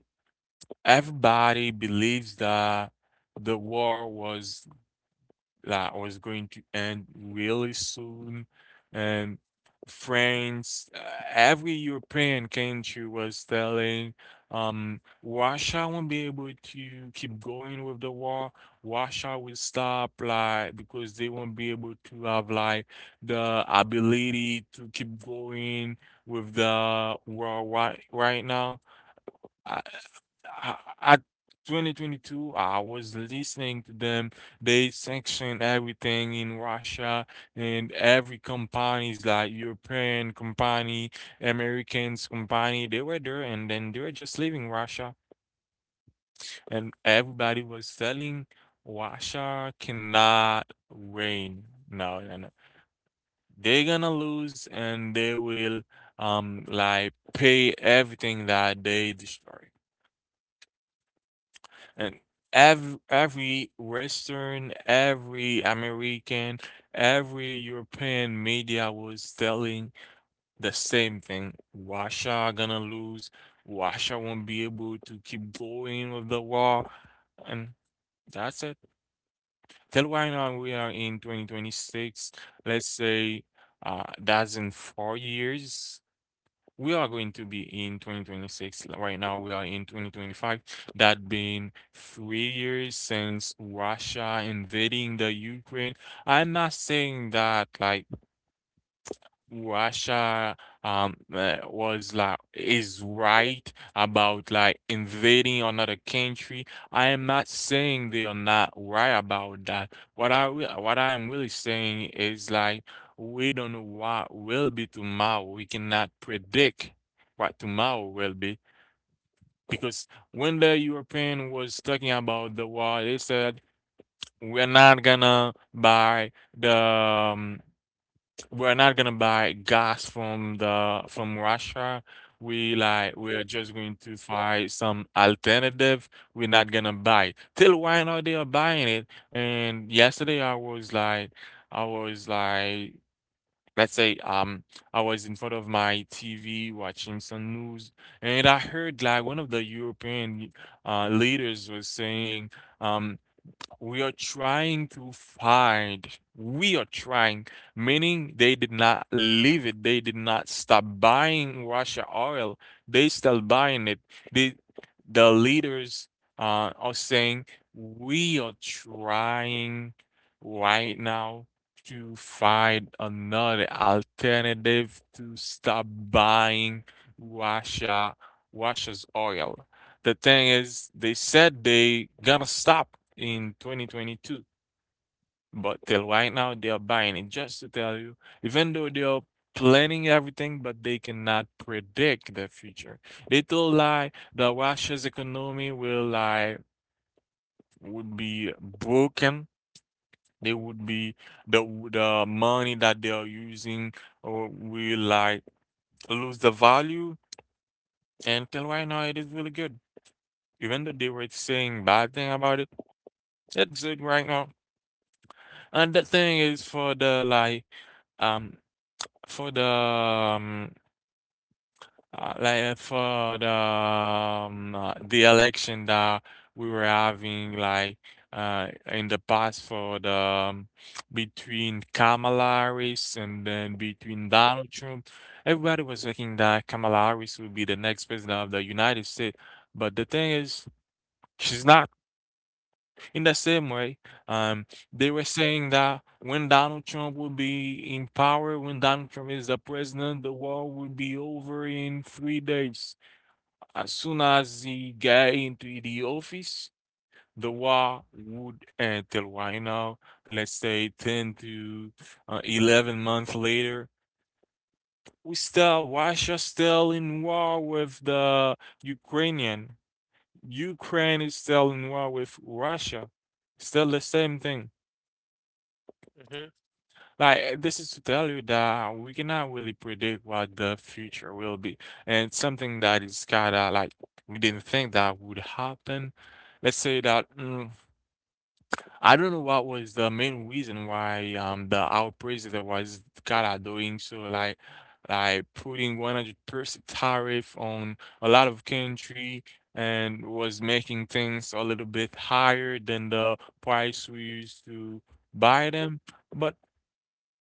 S1: everybody believes that the war was that was going to end really soon. And France, every European country was telling, Russia won't be able to keep going with the war. Russia will stop, like, because they won't be able to have, like, the ability to keep going with the war right now. I I At 2022, I was listening to them. They sanction everything in Russia, and every companies like European company, Americans company. They were there, and then they were just leaving Russia, and everybody was telling Russia cannot win. No, no, no. They're gonna lose, and they will like pay everything that they destroy. And every Western, every American, every European media was telling the same thing. Russia are gonna lose. Russia won't be able to keep going with the war. And that's it. Till right now we are in 2026. Let's say that's in 4 years we are going to be in 2026. Like, right now, we are in 2025. That been 3 years since Russia invading the Ukraine. I'm not saying that like Russia was like is right about like invading another country. I am not saying they are not right about that. What I am really saying is like we don't know what will be tomorrow. We cannot predict what tomorrow will be, because when the European was talking about the war, they said we're not gonna buy the we're not gonna buy gas from the from Russia. We're just going to find some alternative. We're not gonna buy it. Till right now they are buying it. And yesterday I was like let's say, I was in front of my TV watching some news, and I heard like one of the European leaders was saying, um we are trying to find. We are trying, meaning they did not leave it. They did not stop buying Russia oil. They still buying it. The the leaders, are saying we are trying right now to find another alternative to stop buying Russia Russia's oil. The thing is, they said they gonna stop in 2022, but till right now they are buying it. Just to tell you, even though they are planning everything, but they cannot predict the future. They told like the Russia's economy will like would be broken. They would be the the money that they are using or will like lose the value. And till right now, it is really good. Even though they were saying bad thing about it, it's good right now. And that thing is for the like um for the um, for the election that we were having like in the past, for the between Kamala Harris and then between Donald Trump. Everybody was thinking that Kamala Harris would be the next president of the United States, but the thing is, she's not. In the same way, um, they were saying that when Donald Trump would be in power, when Donald Trump is the president, the war would be over in 3 days. As soon as he got into the office, the war would end. Till right now, let's say 10 to 11 months later. We still, Russia still in war with the Ukrainian. Ukraine is still in war with Russia. Still the same thing.
S2: Hmm.
S1: Like, eh, this is to tell you that we cannot really predict what the future will be. And it's something that is kind of like we didn't think that would happen. Let's say that I don't know what was the main reason why the our president was kind of doing so like putting 100% tariff on a lot of country and was making things a little bit higher than the price we used to buy them. But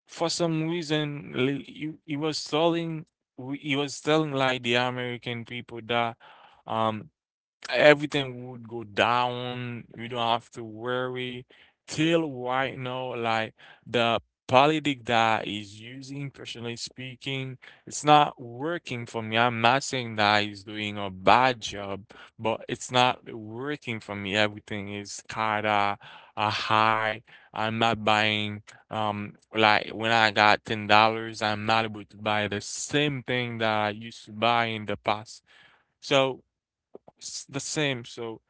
S1: for some reason he was telling he was telling like the American people that um everything would go down. You don't have to worry. Till right now, like the politic that is using, personally speaking, it's not working for me. I'm not saying that he's doing a bad job, but it's not working for me. Everything is kinda high. I'm not buying like when I got $10, I'm not able to buy the same thing that I used to buy in the past. So it's the same. So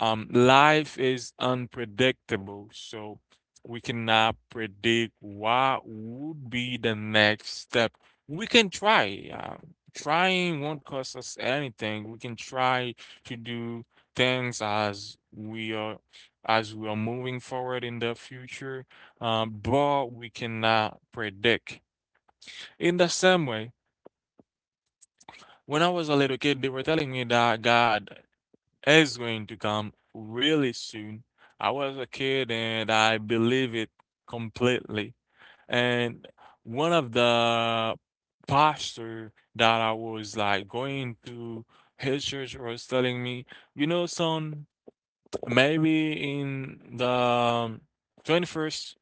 S1: life is unpredictable, so we cannot predict what would be the next step. We can try. Trying won't cost us anything. We can try to do things as we are moving forward in the future, but we cannot predict. In the same way, when I was a little kid, they were telling me that God it's going to come really soon. I was a kid and I believe it completely. And one of the pastor that I was like going to his church was telling me, you know, son, maybe in the 21st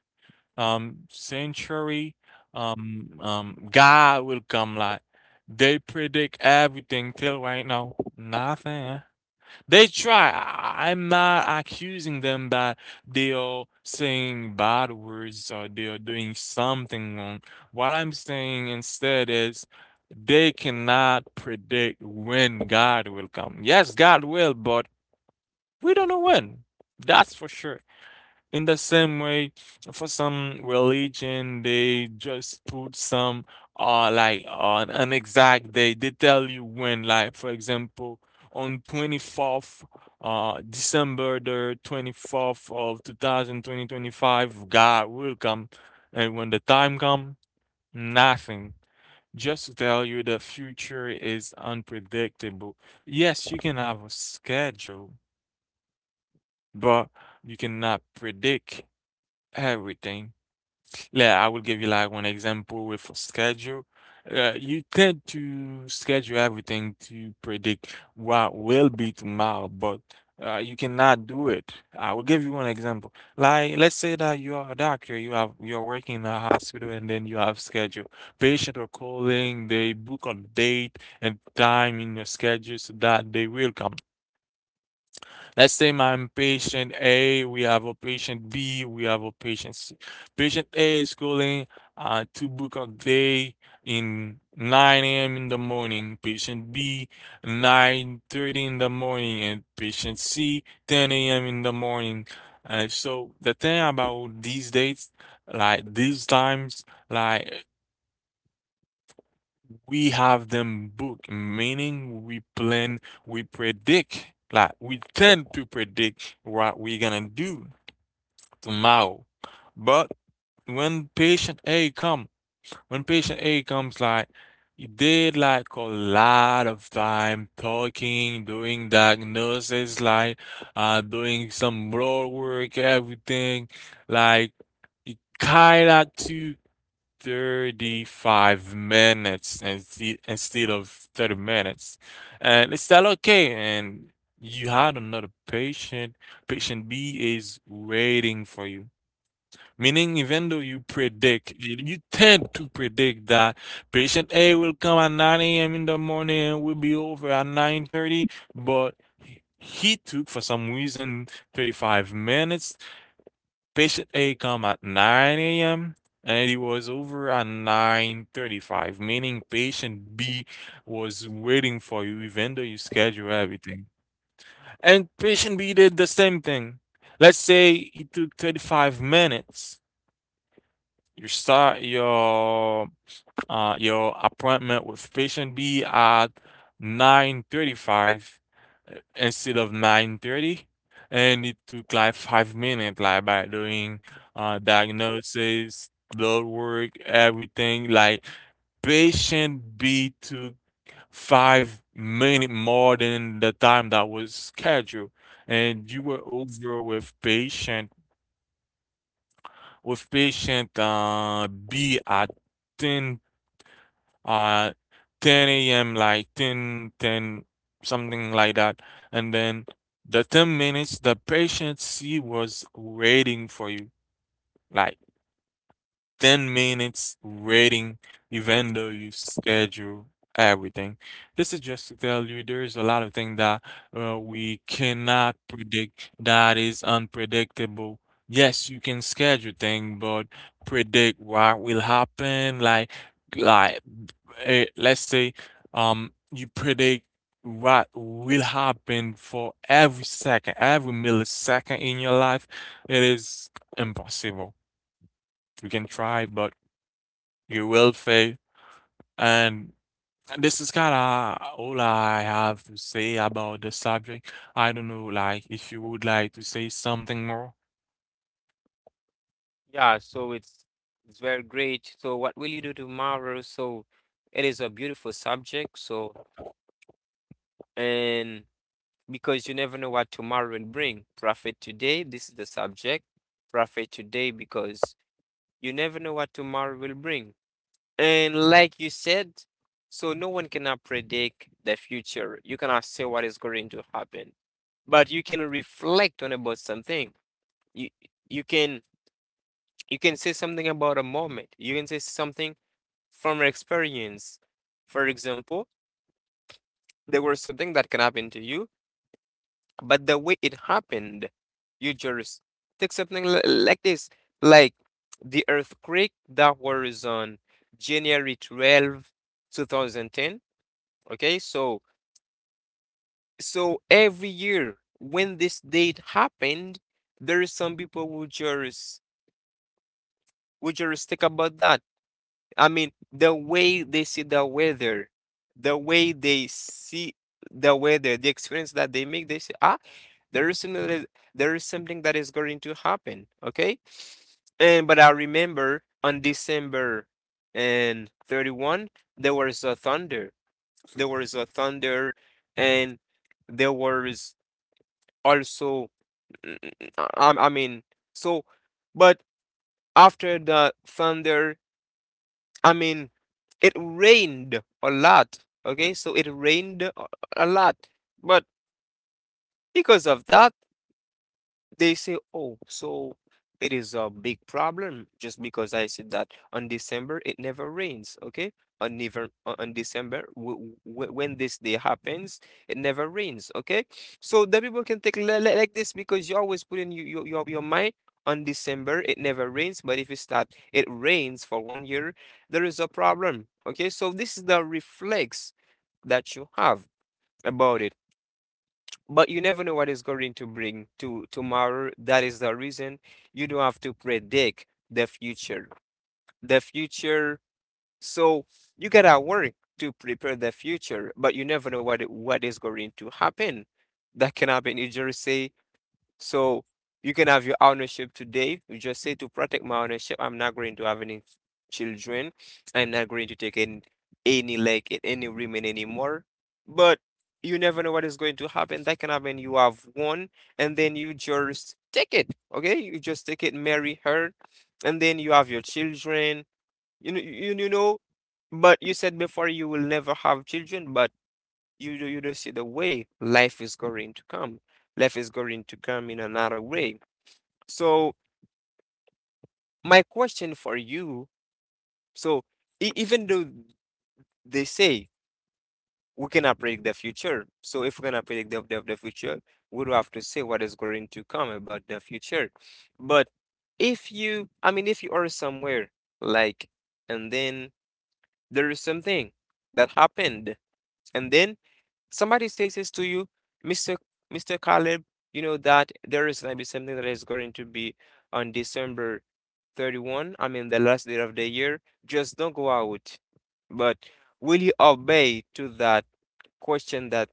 S1: century, God will come like they predict everything. Till right now, nothing. They try. I'm not accusing them that they are saying bad words or they are doing something wrong. What I'm saying instead is they cannot predict when God will come. Yes, God will, but we don't know when. That's for sure. In the same way, for some religion, they just put some like on an exact day. They tell you when, like for example, on 24th, December the 24th of 2000 2025, God will come. And when the time come, nothing. Just to tell you the future is unpredictable. Yes, you can have a schedule, but you cannot predict everything. Yeah, I will give you like one example with a schedule. You tend to schedule everything to predict what will be tomorrow, but you cannot do it. I will give you one example. Like, let's say that you are a doctor, you're working in a hospital, and then you have schedule. Patient are calling, they book a date and time in your schedule so that they will come. Let's say I'm patient A, we have a patient B, we have a patient C. Patient A is calling, to book a day in 9 a.m. in the morning. Patient B, 9:30 in the morning, and patient C, 10 a.m. in the morning. And so the thing about these dates, like these times, like we have them booked, meaning we plan, we predict, like we tend to predict what we're gonna do tomorrow. But when patient A come, when patient A comes, like he did like a lot of time talking, doing diagnosis, doing some blood work, everything, like he kinda to 35 minutes instead of 30 minutes. And it's not okay. And you had another patient. Patient B is waiting for you. Meaning, even though you predict, you tend to predict that patient A will come at 9 a.m. in the morning and will be over at 9:30, but he took for some reason 35 minutes. Patient A come at 9 a.m. and he was over at 9:35, meaning patient B was waiting for you even though you schedule everything. And patient B did the same thing. Let's say he took 35 minutes. Your start your appointment with patient B at 9:35, instead of 9:30, and it took like 5 minutes, like by doing diagnosis, blood work, everything. Like patient B took 5 minutes more than the time that was scheduled, and you were over with patient B at ten at 10 a.m., like 10, 10, something like that. And then the 10 minutes, the patient she was waiting for you, like 10 minutes waiting, even though you schedule everything. This is just to tell you there's a lot of things that we cannot predict, that is unpredictable. Yes, you can schedule things, but predict what will happen, like let's say you predict what will happen for every second, every millisecond in your life, it is impossible. You can try, but you will fail. And this is kind of all I have to say about the subject. I don't know, like, if you would like to say something more.
S2: Yeah, so it's very great. So what will you do tomorrow? So it is a beautiful subject. So, and because you never know what tomorrow will bring. Profit today, this is the subject. Profit today because you never know what tomorrow will bring. And like you said, so no one cannot predict the future. You cannot say what is going to happen, but you can reflect on about something. you you can, you can say something about a moment, you can say something from your experience. For example, there was something that can happen to you, but the way it happened, you just take something like this, like the earthquake that was on January 12, 2010. Okay, so so every year when this date happened, there is some people who just, who just think about that. The way they see the weather, the way they see the weather, the experience that they make, they say, ah, there is something that is, there is something that is going to happen. Okay. And but I remember on December and 31, there was a thunder. There was a thunder and there was also, I, I mean so but after the thunder, I mean, it rained a lot. Okay, so it rained a lot. But because of that, they say, "Oh, so it is a big problem just because I said that on December it never rains." Okay, on never on on December w w when this day happens, it never rains. Okay, so the people can take like this because you always put in your mind on December it never rains, but if it's that it rains for one year, there is a problem. Okay, so this is the reflex that you have about it. But you never know what is going to bring to tomorrow. That is the reason you don't have to predict the future. The future, so you gotta work to prepare the future, but you never know what is going to happen. That can happen. You just say, so you can have your ownership today. You just say, to protect my ownership, I'm not going to have any children. I'm not going to take in any, like, any women anymore. But you never know what is going to happen. That can happen. You have one, and then you just take it. Okay, you just take it, marry her, and then you have your children. You know, you know. But you said before you will never have children, but you don't see the way life is going to come. Life is going to come in another way. So my question for you, so e- even though they say we cannot predict the future, so if we cannot predict the future, we do have to say what is going to come about the future. But if you, if you are somewhere, like, and then there is something that happened, and then somebody says this to you, Mr. Mr. Caleb, you know that there is gonna be something that is going to be on December 31, I mean the last day of the year. Just don't go out. But will you obey to that question, that,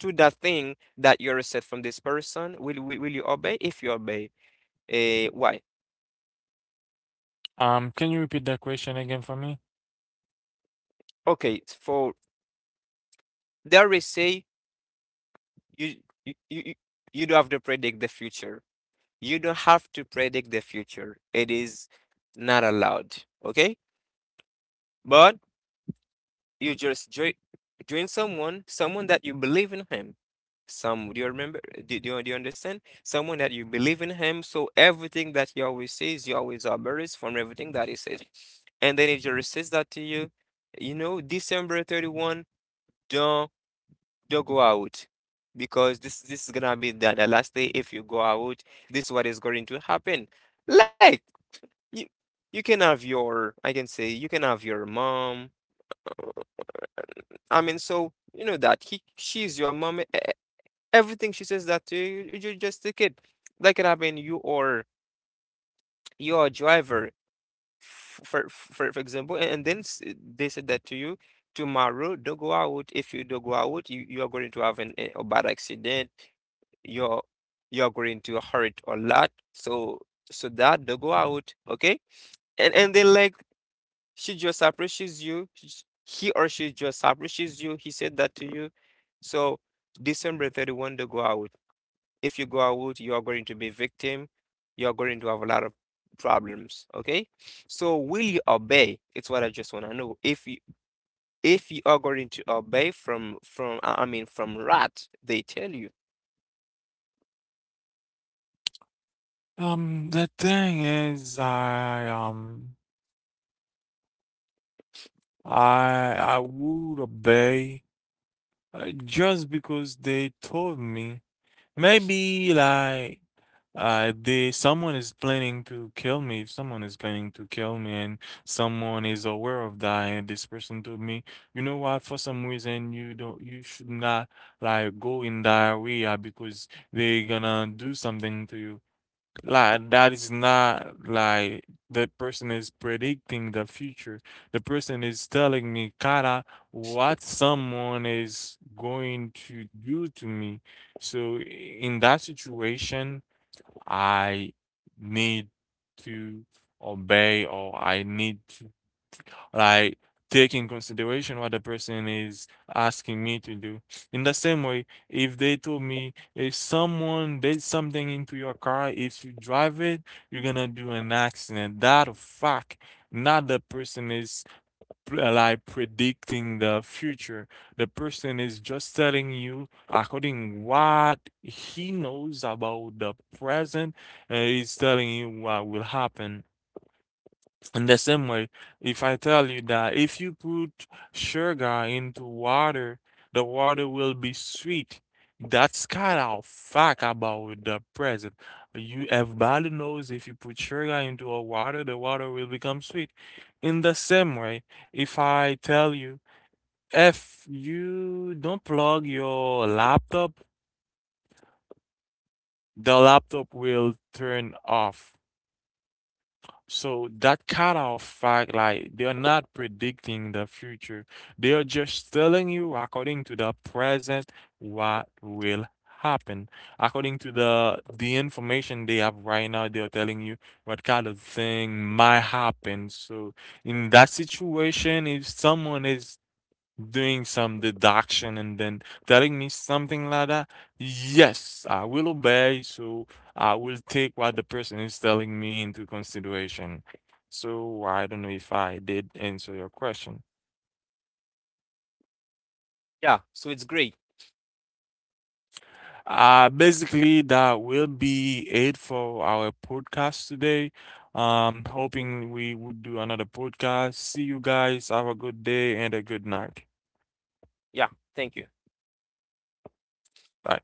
S2: to that thing that you received from this person? Will you obey? If you obey, eh? Why?
S1: Can you repeat that question again for me?
S2: Okay, for there is say, you you do have to predict the future. You don't have to predict the future. It is not allowed. Okay? But you just join, join someone, someone that you believe in him. Some, do you remember? You, do you understand? Someone that you believe in him. So everything that he always says, you always obey from everything that he says. And then if he just says that to you, you know, December 31, don't don't go out. Because this is gonna be the last day. If you go out, this is what is going to happen. Like, You you can have your, I can say, you can have your mom. I mean, so you know that she's your mom. Everything she says that to you, you're just a kid. That can happen. You, or your driver, for example, and then they said that to you. Tomorrow, don't go out. If you don't go out, you are going to have an, a bad accident. you're you're going to hurt a lot, so so that don't go out, okay? And then, like, she just appreciates you. He or she just appreciates you. He said that to you. So December 31 to go out. If you go out, you are going to be victim. You are going to have a lot of problems. Okay. So will you obey? It's what I just want to know. If you, if you are going to obey from, I mean from rat, they tell you.
S1: The thing is, I would obey, just because they told me. Maybe like they someone is planning to kill me. If someone is planning to kill me and someone is aware of that and this person told me, you know what, for some reason you should not like go in that area because they're gonna do something to you. Like that is not like the person is predicting the future. The person is telling me kinda what someone is going to do to me. So in that situation, I need to obey or I need to like take in consideration what the person is asking me to do. In the same way, if they told me if someone did something into your car, if you drive it, you're gonna do an accident. That a fact. Not the person is like predicting the future. The person is just telling you according what he knows about the present, and he's telling you what will happen. In the same way, if I tell you that if you put sugar into water, the water will be sweet. That's kind of fact about the present. You everybody knows if you put sugar into a water, the water will become sweet. In the same way, if I tell you if you don't plug your laptop, the laptop will turn off. So that kind of fact, like they're not predicting the future. They are just telling you according to the present what will happen. According to the information they have right now, they are telling you what kind of thing might happen. So in that situation, if someone is doing some deduction and then telling me something like that, yes, I will obey. So I will take what the person is telling me into consideration. So I don't know if I did answer your question.
S2: Yeah. So it's great.
S1: Basically, that will be it for our podcast today. Hoping we would do another podcast. See you guys. Have a good day and a good night.
S2: Yeah. Thank you.
S1: Bye.